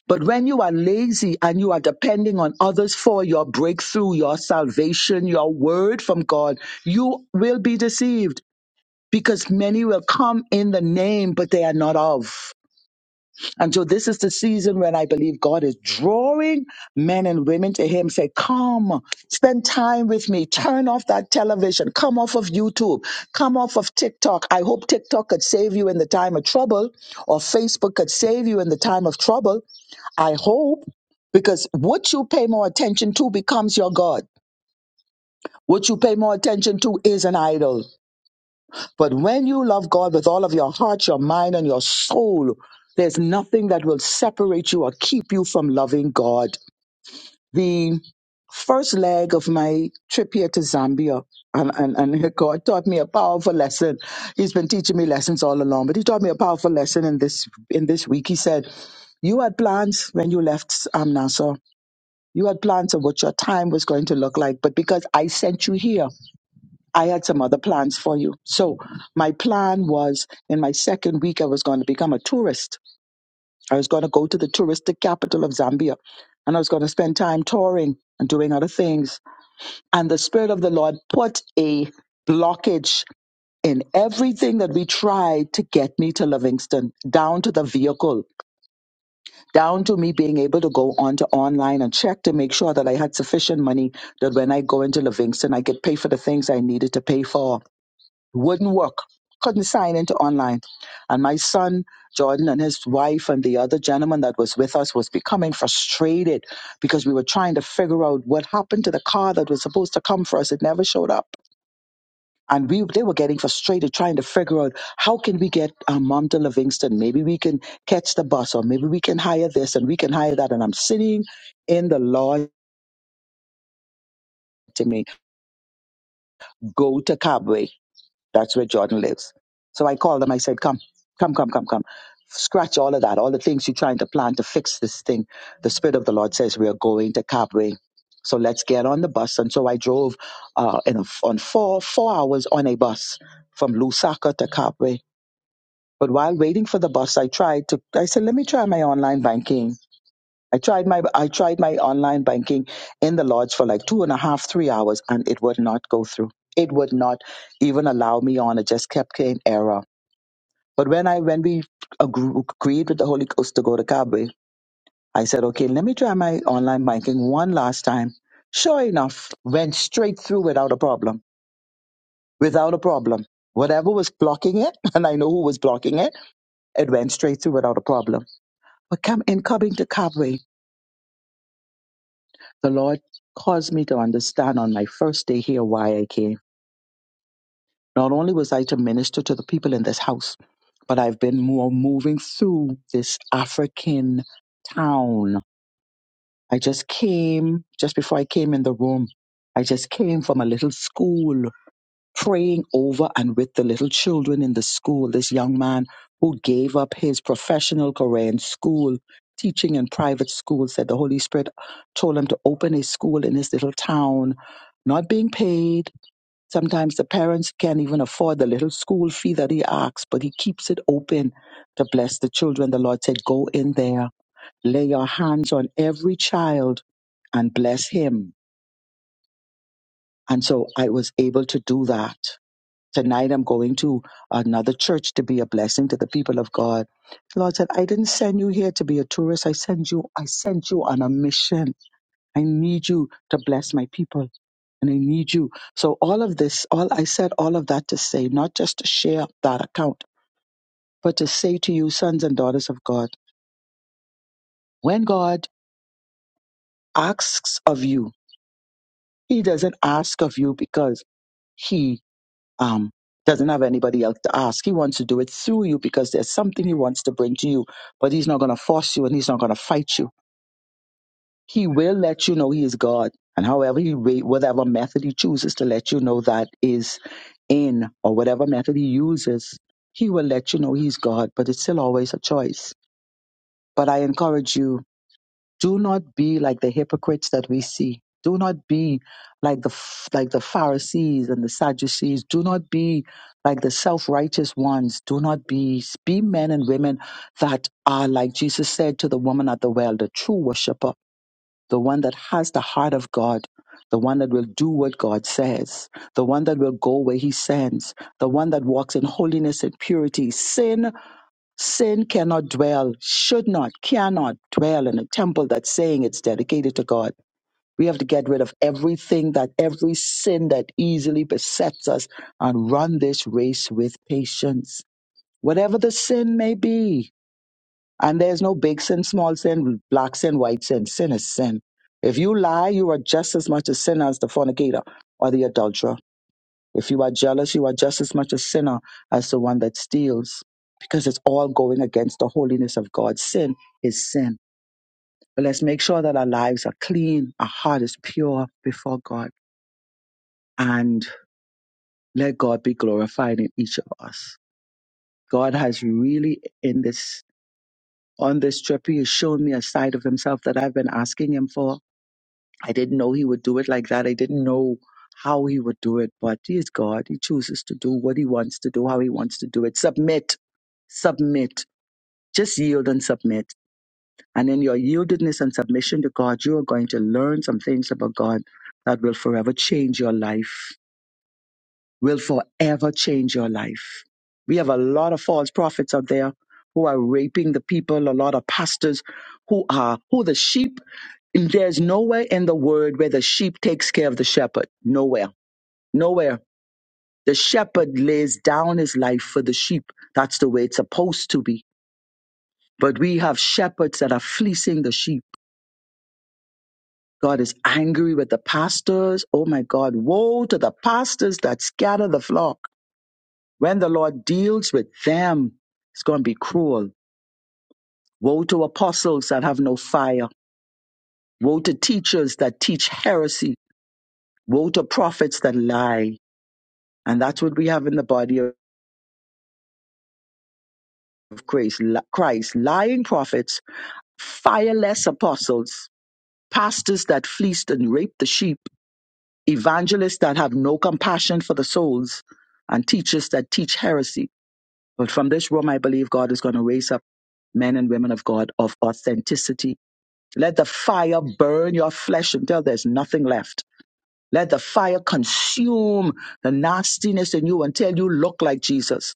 But when you are lazy and you are depending on others for your breakthrough, your salvation, your word from God, you will be deceived because many will come in the name, but they are not of. And so this is the season when I believe God is drawing men and women to Him. Say, come, spend time with me. Turn off that television. Come off of YouTube. Come off of TikTok. I hope TikTok could save you in the time of trouble or Facebook could save you in the time of trouble. I hope because what you pay more attention to becomes your God. What you pay more attention to is an idol. But when you love God with all of your heart, your mind, and your soul, there's nothing that will separate you or keep you from loving God. The first leg of my trip here to Zambia, and, and, and <laughs> God taught me a powerful lesson. He's been teaching me lessons all along, but he taught me a powerful lesson in this in this week. He said, You had plans when you left um, Nassau. You had plans of what your time was going to look like, but because I sent you here, I had some other plans for you. So my plan was in my second week, I was going to become a tourist. I was going to go to the touristic capital of Zambia and I was going to spend time touring and doing other things. And the Spirit of the Lord put a blockage in everything that we tried to get me to Livingston, down to the vehicle, down to me being able to go onto online and check to make sure that I had sufficient money that when I go into Livingston, I could pay for the things I needed to pay for wouldn't work couldn't sign into online and my son jordan and his wife and the other gentleman that was with us was becoming frustrated because we were trying to figure out what happened to the car that was supposed to come for us it never showed up and we they were getting frustrated trying to figure out how can we get our mom to livingston maybe we can catch the bus or maybe we can hire this and we can hire that and i'm sitting in the lawn to me go to cabway That's where Jordan lives. So I called him. I said, Come, come, come, come, come. Scratch all of that, all the things you're trying to plan to fix this thing. The Spirit of the Lord says we are going to Cabway. So let's get on the bus. And so I drove uh, in a, on four, four hours on a bus from Lusaka to Cabway. But while waiting for the bus, I tried to, I said, let me try my online banking I tried my I tried my online banking in the lodge for like two and a half, three hours, and it would not go through. It would not even allow me on. It just kept getting error. But when I when we agre- agreed with the Holy Ghost to go to Kabwe, I said, okay, let me try my online banking one last time. Sure enough, went straight through without a problem. Without a problem. Whatever was blocking it, <laughs> and I know who was blocking it, it went straight through without a problem. But come in coming to Kabwe. the Lord caused me to understand on my first day here why I came. Not only was I to minister to the people in this house, but I've been more moving through this African town. I just came just before I came in the room. I just came from a little school praying over and with the little children in the school. This young man who gave up his professional career in school, teaching in private school, said the Holy Spirit told him to open a school in his little town, not being paid. Sometimes the parents can't even afford the little school fee that he asks, but he keeps it open to bless the children. The Lord said, Go in there, lay your hands on every child and bless him. And so I was able to do that. Tonight I'm going to another church to be a blessing to the people of God. The Lord said, I didn't send you here to be a tourist. I sent you, I sent you on a mission. I need you to bless my people and I need you. So all of this, all I said all of that to say, not just to share that account, but to say to you, sons and daughters of God, when God asks of you, he doesn't ask of you because he um, doesn't have anybody else to ask. He wants to do it through you because there's something he wants to bring to you, but he's not going to force you and he's not going to fight you. He will let you know he is God, and however he rate, whatever method he chooses to let you know that is in, or whatever method he uses, he will let you know he's God. But it's still always a choice. But I encourage you. Do not be like the hypocrites that we see. Do not be like the like the Pharisees and the Sadducees. Do not be like the self-righteous ones. Do not be be men and women that are like Jesus said to the woman at the well, the true worshipper, the one that has the heart of God, the one that will do what God says, the one that will go where he sends, the one that walks in holiness and purity. Sin Sin cannot dwell, should not, cannot dwell in a temple that's saying it's dedicated to God. We have to get rid of everything that every sin that easily besets us and run this race with patience. Whatever the sin may be, and there's no big sin, small sin, black sin, white sin. Sin is sin. If you lie, you are just as much a sinner as the fornicator or the adulterer. If you are jealous, you are just as much a sinner as the one that steals, because it's all going against the holiness of God. Sin is sin. But let's make sure that our lives are clean, our heart is pure before God, and let God be glorified in each of us. God has really in this on this trip, he has shown me a side of himself that I've been asking him for I didn't know he would do it like that. I didn't know how he would do it, but he is God. He chooses to do what he wants to do, how he wants to do it. Submit, submit, just yield and submit. And in your yieldedness and submission to God, you are going to learn some things about God that will forever change your life, will forever change your life. We have a lot of false prophets out there who are raping the people, a lot of pastors who are, who the sheep there's nowhere in the word where the sheep takes care of the shepherd. Nowhere. Nowhere. The shepherd lays down his life for the sheep. That's the way it's supposed to be. But we have shepherds that are fleecing the sheep. God is angry with the pastors. Oh my God. Woe to the pastors that scatter the flock. When the Lord deals with them, it's going to be cruel. Woe to apostles that have no fire. Woe to teachers that teach heresy. Woe to prophets that lie. And that's what we have in the body of Christ. li- Christ lying prophets, fireless apostles, pastors that fleeced and raped the sheep, evangelists that have no compassion for the souls, and teachers that teach heresy. But from this room, I believe God is going to raise up men and women of God of authenticity. Let the fire burn your flesh until there's nothing left. Let the fire consume the nastiness in you until you look like Jesus.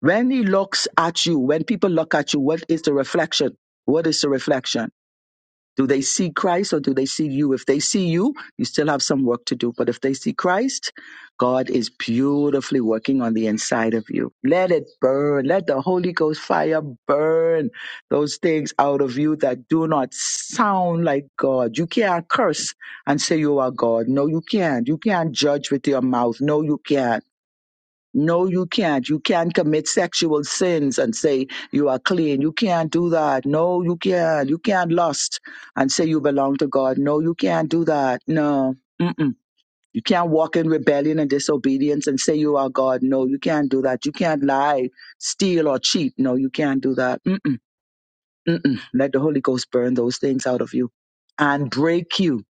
When he looks at you, when people look at you, what is the reflection? What is the reflection? Do they see Christ or do they see you? If they see you, you still have some work to do. But if they see Christ, God is beautifully working on the inside of you. Let it burn. Let the Holy Ghost fire burn those things out of you that do not sound like God. You can't curse and say you are God. No, you can't. You can't judge with your mouth. No, you can't no, you can't. You can't commit sexual sins and say you are clean. You can't do that. No, you can't. You can't lust and say you belong to God. No, you can't do that. No. Mm-mm. You can't walk in rebellion and disobedience and say you are God. No, you can't do that. You can't lie, steal, or cheat. No, you can't do that. Mm-mm. Mm-mm. Let the Holy Ghost burn those things out of you and break you.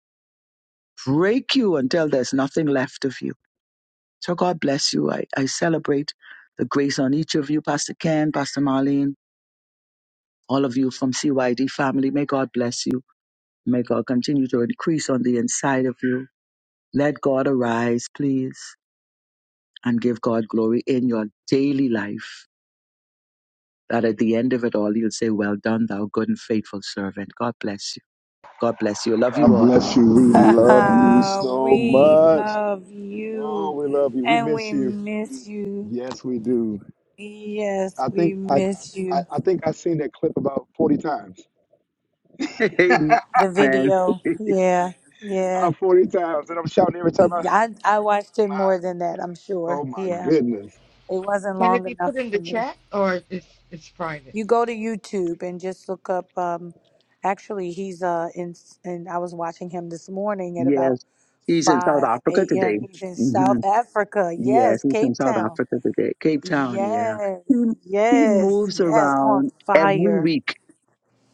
Break you until there's nothing left of you so God bless you. I, I celebrate the grace on each of you, Pastor Ken, Pastor Marlene, all of you from CYD family. May God bless you. May God continue to increase on the inside of you. Let God arise, please, and give God glory in your daily life. That at the end of it all, you'll say, Well done, thou good and faithful servant. God bless you. God bless you. I love God you all. bless you. We love you <laughs> so we much. love Oh, you we love you. We and miss we you. miss you. Yes, we do. Yes, I we think I miss I, you. I think I've seen that clip about 40 times. <laughs> The Amen. video. Yeah, Uh, yeah. 40 times, and I'm shouting every time I I, I watched it more than that, I'm sure. oh my Yeah, goodness. it wasn't Can it long be enough put in for the me. chat or it's it's private? You go to YouTube and just look up. Um, actually, he's uh in and I was watching him this <laughs> morning at about yes. He's in South 5 Africa a.m. today. He's in South Africa. Yes, Yes, he's in Cape South Town. Africa today, Cape Town. Yeah, Yes, he he yes, moves yes, on around every fire. week.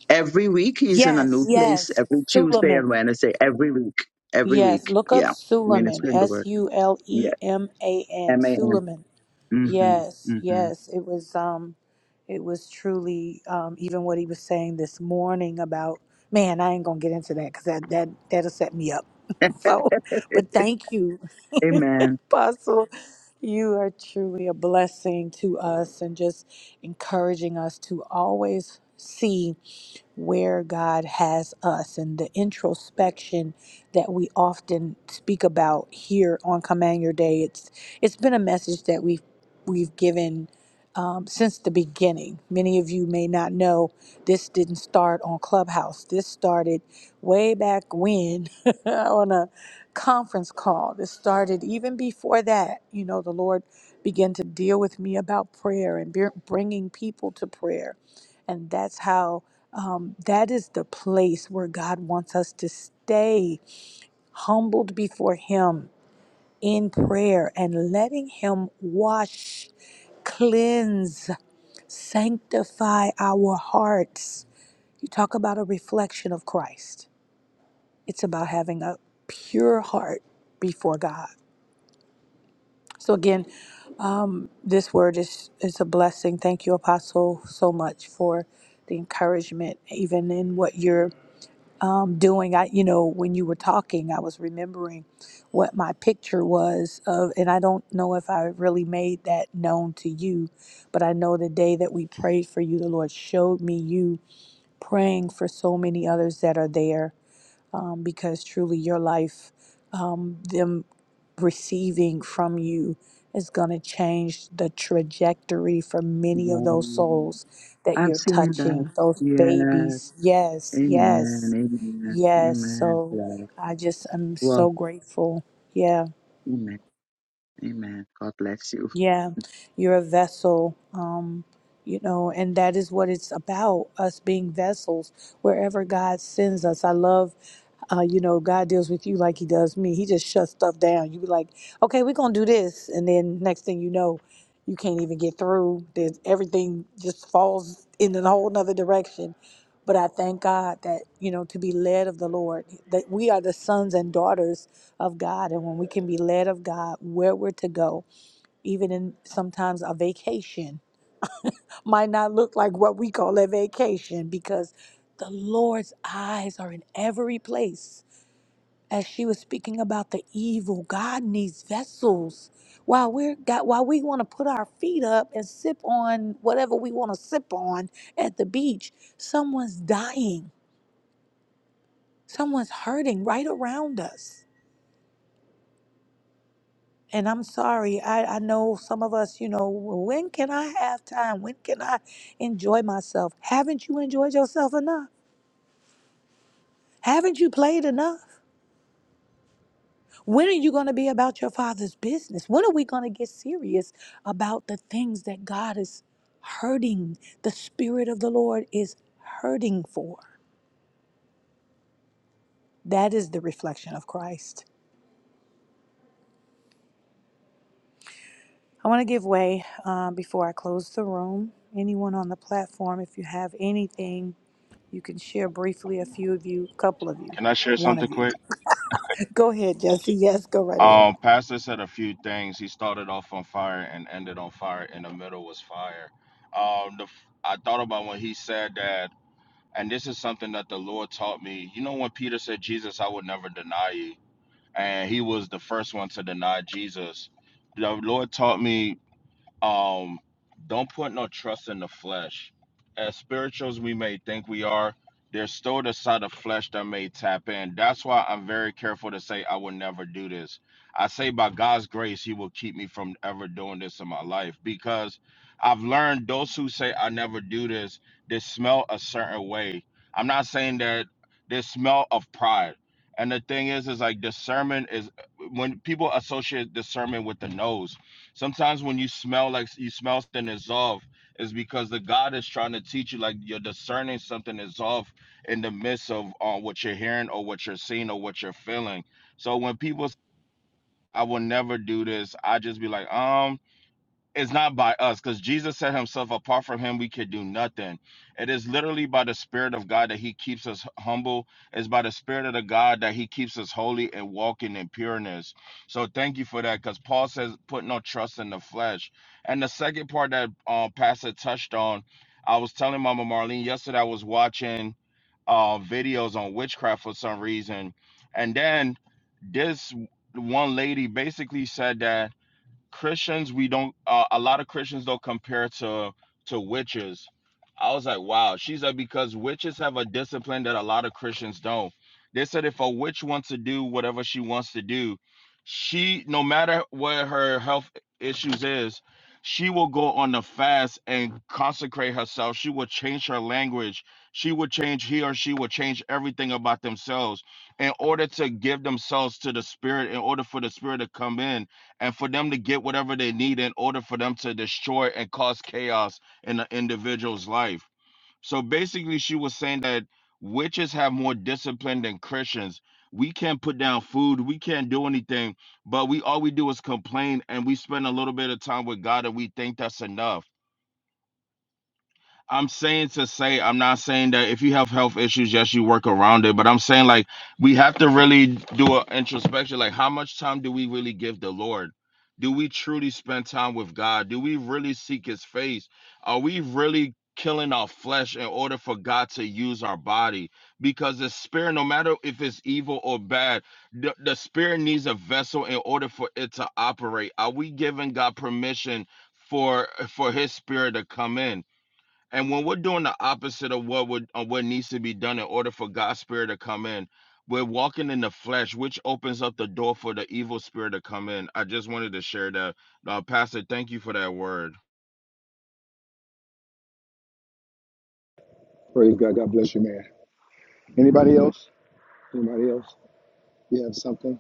Every week he's in a Yes, new place. yes, Every Tuesday and Suleiman. Wednesday. Every week. Every week. Yes, look up Yeah, Suleiman, ministering the S word. U L Yeah, E M A N, M A N. Suleiman. Mhm. Yes, Mhm. yes, it was um it was truly um even what he was saying this morning about man, I ain't going to get into that cuz that that that'll set me up. <laughs> so, <laughs> but thank you. <laughs> Amen. Apostle, you are truly a blessing to us and just encouraging us to always see where God has us and the introspection that we often speak about here on Command Your Day. It's it's been a message that we've we've given um, since the beginning. Many of you may not know this didn't start on Clubhouse. This started way back when <laughs> on a conference call. This started even before that. You know, the Lord began to deal with me about prayer and br- bringing people to prayer, and that's how um, that is the place where God wants us to stay humbled before Him in prayer and letting Him wash, cleanse, sanctify our hearts. You talk about a reflection of Christ, it's about having a pure heart before God. So, again, um, this word is, is a blessing. Thank you, Apostle, so much for the encouragement, even in what you're um, doing. I, you know, when you were talking, I was remembering what my picture was of, and I don't know if I really made that known to you, but I know the day that we prayed for you, the Lord showed me you praying for so many others that are there, um, because truly your life. Um, them receiving from you is going to change the trajectory for many of Yeah. those souls that I've you're seen that. touching, those Yeah. babies. Yes, Amen. yes, Amen. yes. Amen. So Yeah. I just am Well. so grateful. Yeah. Amen. Amen. God bless you. Yeah, you're a vessel, um, you know, and that is what it's about, us being vessels wherever God sends us. I love, uh, you know, God deals with you like he does me. He just shuts stuff down. You be like, okay, we're going to do this. And then next thing you know, you can't even get through. There's everything just falls in a whole nother direction. But I thank God that, you know, to be led of the Lord, that we are the sons and daughters of God. And when we can be led of God, where we're to go, even in sometimes a vacation might not look like what we call a vacation because the Lord's eyes are in every place. As she was speaking about the evil, God needs vessels. While we're God, while we want to put our feet up and sip on whatever we want to sip on at the beach, someone's dying, someone's hurting right around us. And I'm sorry, I, I know some of us, you know, "Well, when can I have time? When can I enjoy myself? Haven't you enjoyed yourself enough? Haven't you played enough? When are you going to be about your father's business? When are we going to get serious about the things that God is hurting, the Spirit of the Lord is hurting for? That is the reflection of Christ. I want to give way uh, before I close the room. Anyone on the platform, if you have anything, You can share briefly a few of you, couple of you, Can I share one something of you. quick? <laughs> Go ahead, Jesse. Yes, go right ahead. Um, Pastor said a few things. He started off on fire and ended on fire. In the middle was fire. Um, the, f- I thought about when he said that, and this is something that the Lord taught me. You know, when Peter said, "Jesus, I would never deny you," and he was the first one to deny Jesus. The Lord taught me. Um, don't put no trust in the flesh. As spirituals we may think we are, there's still the side of flesh that may tap in. That's why I'm very careful to say I will never do this. I say by God's grace, He will keep me from ever doing this in my life because I've learned those who say I never do this, they smell a certain way. I'm not saying that they smell of pride. And the thing is, is like discernment is when people associate discernment with the nose Sometimes when you smell like you smell something is off, is because the God is trying to teach you like you're discerning something is off in the midst of uh, what you're hearing or what you're seeing or what you're feeling. So when people, say, I will never do this, I just be like, um, it's not by us because Jesus said himself, apart from him, we could do nothing. It is literally by the Spirit of God that he keeps us humble. It's by the Spirit of the God that he keeps us holy and walking in pureness. So thank you for that because Paul says, put no trust in the flesh. And the second part that uh, Pastor touched on, I was telling Mama Marlene yesterday, I was watching uh, videos on witchcraft for some reason. And then this one lady basically said that Christians, we don't. Uh, a lot of Christians don't compare to to witches. I was like, wow. She's like, because witches have a discipline that a lot of Christians don't. They said if a witch wants to do whatever she wants to do, she, no matter what her health issues is, she will go on the fast and consecrate herself. She will change her language. She will change he or she will change everything about themselves in order to give themselves to the spirit, in order for the spirit to come in and for them to get whatever they need in order for them to destroy and cause chaos in an individual's life. So basically, she was saying that witches have more discipline than Christians. We can't put down food, we can't do anything, but we all we do is complain and we spend a little bit of time with God and we think that's enough I'm saying to say, I'm not saying that if you have health issues, yes, you work around it, but I'm saying like we have to really do an introspection. Like, how much time do we really give the Lord? Do we truly spend time with God? Do we really seek his face? Are we really killing our flesh in order for God to use our body? Because the spirit, no matter if it's evil or bad, the, the spirit needs a vessel in order for it to operate. Are we giving God permission? For for his spirit to come in, and when we're doing the opposite of what would of what needs to be done in order for God's spirit to come in, we're walking in the flesh, which opens up the door for the evil spirit to come in. I just wanted to share that. Uh, Pastor, thank you for that word. Praise God. God bless you, man. Anybody else? Anybody else? You have something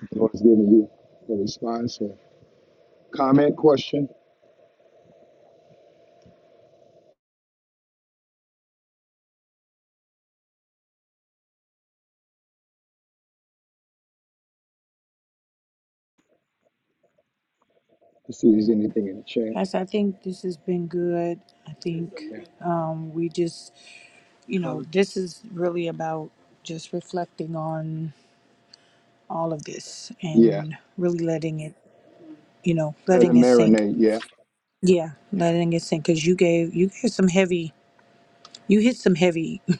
the Lord's given you a response or comment, question. Let's see if there's anything in the chat. Pastor, I think this has been good. I think Yeah. um, we just, you know, this is really about just reflecting on all of this Yeah. and really letting it, you know, Let it letting it sink. marinate. Yeah. Yeah, Yeah. letting it sink because you gave you gave some heavy, you hit some heavy, <laughs>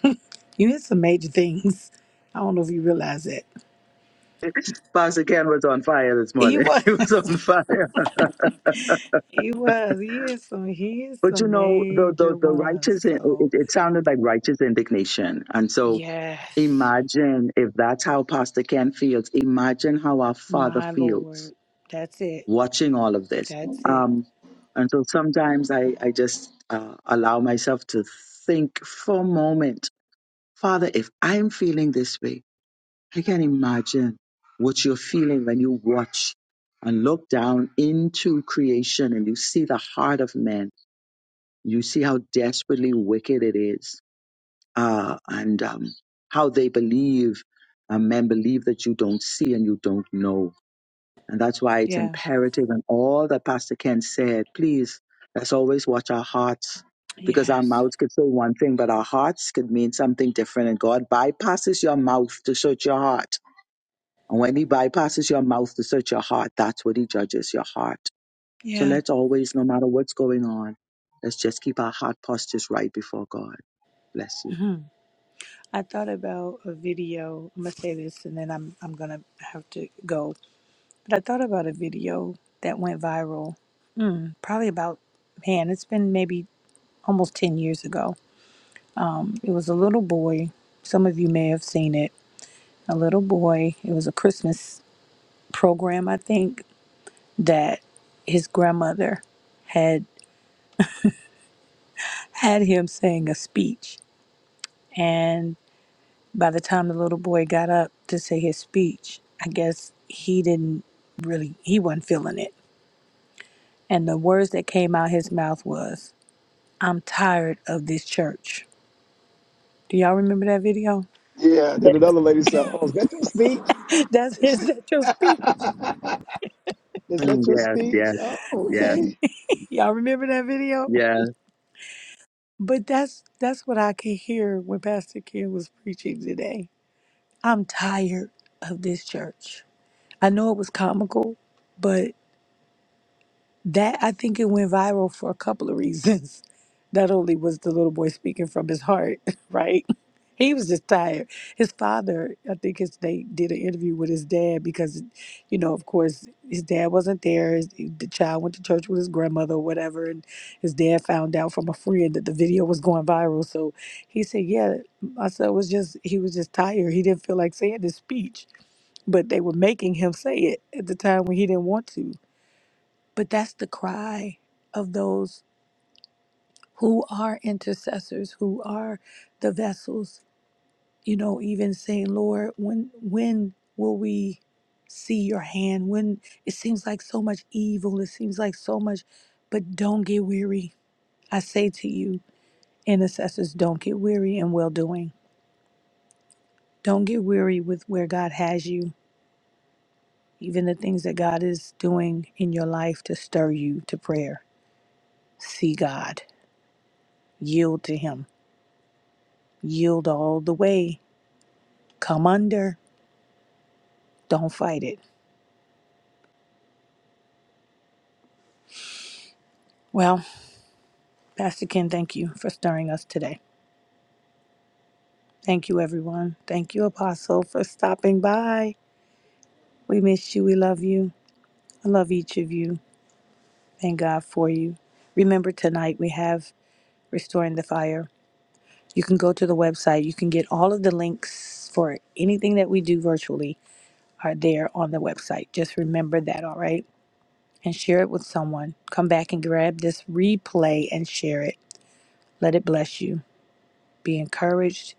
you hit some major things. I don't know if you realize that. Pastor again was on fire this <laughs> he morning. was. <laughs> He was on fire. He was. He is some. He is But you some know, the major the, the ones. righteous, it, it So it sounded like righteous indignation. And so yes, imagine if that's how Pastor Ken feels, imagine how our father my feels lord. That's it. watching all of this. That's it. Um, and so sometimes I, I just uh, allow myself to think for a moment, Father, if I'm feeling this way, I can imagine what you're feeling when you watch and look down into creation and you see the heart of man. You see how desperately wicked it is, uh, and um, how they believe, uh, men believe that you don't see and you don't know. And that's why it's Yeah. imperative, and all that Pastor Ken said, please, let's always watch our hearts. Because our Yes. mouths could say one thing, but our hearts could mean something different. And God bypasses your mouth to search your heart and when he bypasses your mouth to search your heart, that's what he judges your heart. So Yeah. let's always, no matter what's going on, let's just keep our heart postures right before God. Bless you. hmm I thought about a video. I'm gonna say this, and then I'm I'm gonna have to go. But I thought about a video that went viral. Mm, probably about man. It's been maybe almost ten years ago. It was a little boy. Some of you may have seen it. A little boy. It was a Christmas. program, I think, that his grandmother had had him saying a speech. And by the time the little boy got up to say his speech, I guess he didn't really, he wasn't feeling it. And the words that came out his mouth was, I'm tired of this church. Do y'all remember that video? Yeah. Yeah, Then another lady said, Oh, is that your speech? <laughs> That's his, that your speech. <laughs> is that your speech? Oh, okay. Y'all remember that video? But that's that's what I could hear when Pastor Ken was preaching today. I'm tired of this church. I know it was comical, but that I think it went viral for a couple of reasons. <laughs> Not only was the little boy speaking from his heart, <laughs> right? He was just tired. His father, I think his, they did an interview with his dad because, you know, of course, his dad wasn't there. His, the child went to church with his grandmother or whatever, and his dad found out from a friend that the video was going viral. So he said, "Yeah, my son was just he was just tired. He didn't feel like saying this speech." but they were making him say it at the time when he didn't want to. But that's the cry of those who are intercessors, who are the vessels, you know, even saying, Lord, when when will we see your hand? When it seems like so much evil, it seems like so much, but don't get weary. I say to you, intercessors, don't get weary in well doing. Don't get weary with where God has you, even the things that God is doing in your life to stir you to prayer See God. Yield to Him. Yield all the way. Come under. Don't fight it. Well, Pastor Ken, thank you for stirring us today. Thank you, everyone. Thank you, Apostle, for stopping by. We miss you. We love you. I love each of you. Thank God for you. Remember, tonight we have Restoring the Fire. You can go to the website. You can get all of the links for anything that we do virtually are there on the website. Just remember that, all right? and share it with someone. Come back and grab this replay and share it. Let it bless you. Be encouraged.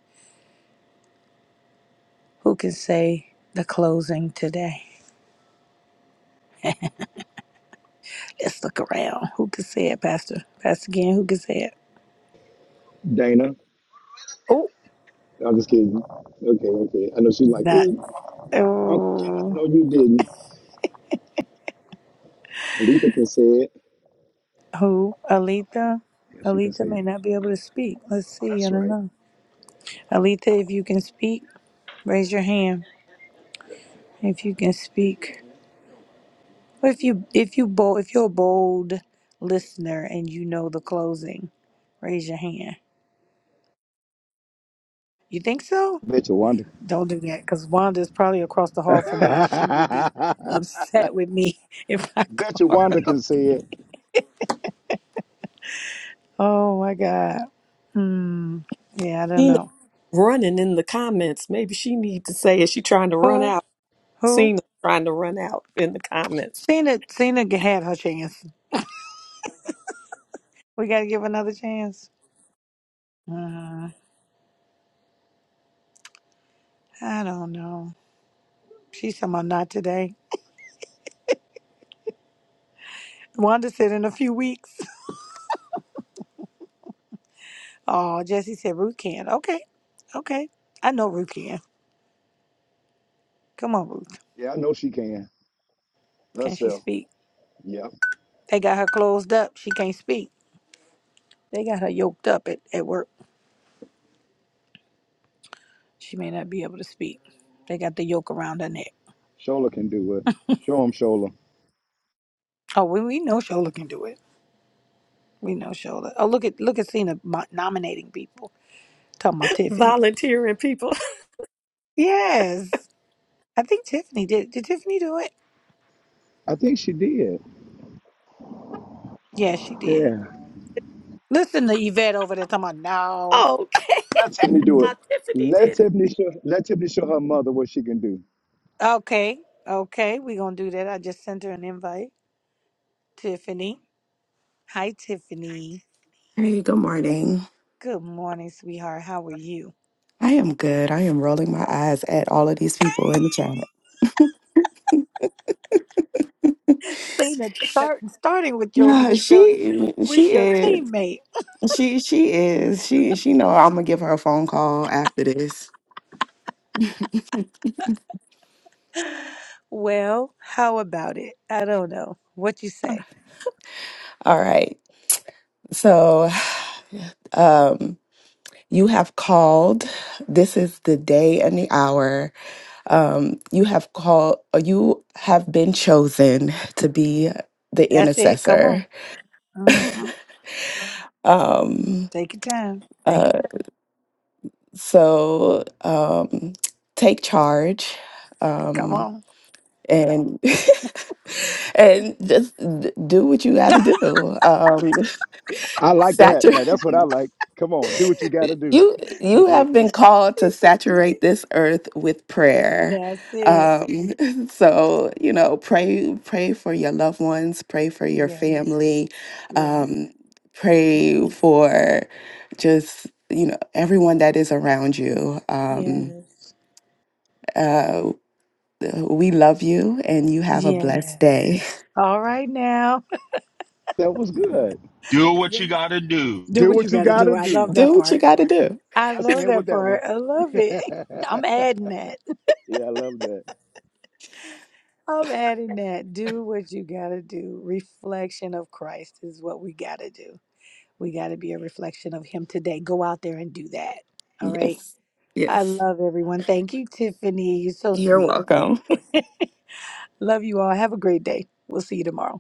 Who can say the closing today? Let's look around. Who can say it, Pastor? Pastor again, who can say it? Dana. Oh, I'm just kidding. Okay, okay. I know she's like, not. Ooh, Uncle Kenneth, Oh, no, you didn't. Alita can say it. who? Alina. Alita? Yeah, she can Alita say it. may not be able to speak. Let's Oh, see. I that's don't right. know. Alita, if you can speak, raise your hand. If you can speak. But if you if you bold if you're a bold listener and you know the closing, raise your hand. You think so? Bet you Wanda. Don't do that because Wanda is probably across the hall from me and she will be <laughs> upset with me <laughs> if I <laughs> Bet you call her. Wanda can say it. Oh my God. Hmm. Yeah, I don't Cena know. running in the comments. Maybe she needs to say, is she trying to run Who? out? Who? Cena trying to run out in the comments. Cena Cena had her chance. We gotta give her another chance. Uh, I don't know. She's somehow not today. Wanda said in a few weeks. Oh, Jesse said Ruth can. Okay. Okay. I know Ruth can. Come on, Ruth. Yeah, I know she can. Can That's she her. speak? Yep. They got her closed up. She can't speak. They got her yoked up at, at work. She may not be able to speak. They got the yoke around her neck. Shola can do it. Show him Shola. Oh, we, we know Shola can do it. We know Shola. Oh, look at look at Cena mo- nominating people. Talking about Tiffany. Volunteering people. <laughs> Yes. I think Tiffany did. Did Tiffany do it? I think she did. Yeah, she did. Listen to Yvette over there talking about no. Okay. Let Tiffany do it. Uh, Tiffany Let did. it. Tiffany show let Tiffany show her mother what she can do. Okay. Okay. we going to do that. I just sent her an invite. Tiffany. Hi, Tiffany. Hey, good morning. Good morning, sweetheart. How are you? I am good. I am rolling my eyes at all of these people in the chat. Cena, start starting with your Yeah, with your she with she your is. teammate. She she is. She she know I'm gonna give her a phone call after this. Well, how about it? I don't know. What you say? All right. So um you have called. This is the day and the hour. Um you have called you have been chosen to be the That's it. Come intercessor. on. hmm Um Take your time. uh So um, take charge Come um, on. and <laughs> and just d- do what you <laughs> got to do. Um, I <laughs> like that. Now saturate that's what I like. Come on, do what you gotta do. you. You have <laughs> been called She to said, "Do-" saturate this earth with prayer. That's it. Um, <laughs> so you know, pray pray for your loved ones, pray for your Yes. family, Yes. um, pray for just you know everyone that is around you. Um, Yes. Uh, we love you and you have a blessed Yes. day. All right now. that was good. Do what you <laughs> got to do. Do Do what you what you got to do. gotta I do. <laughs> love that Do what you part. got to do. I Let's love end with that that part. one. I love <laughs> it. <laughs> I'm yeah, adding that. I love that. I'm adding that. Do what you got to do. Reflection of Christ is what we got to do. We got to be a reflection of Him today. Go out there and do that. All right. Yes. I Yes. love everyone. Thank you, Tiffany. You're so You're sweet. welcome. Love you all. Have a great day. We'll see you tomorrow.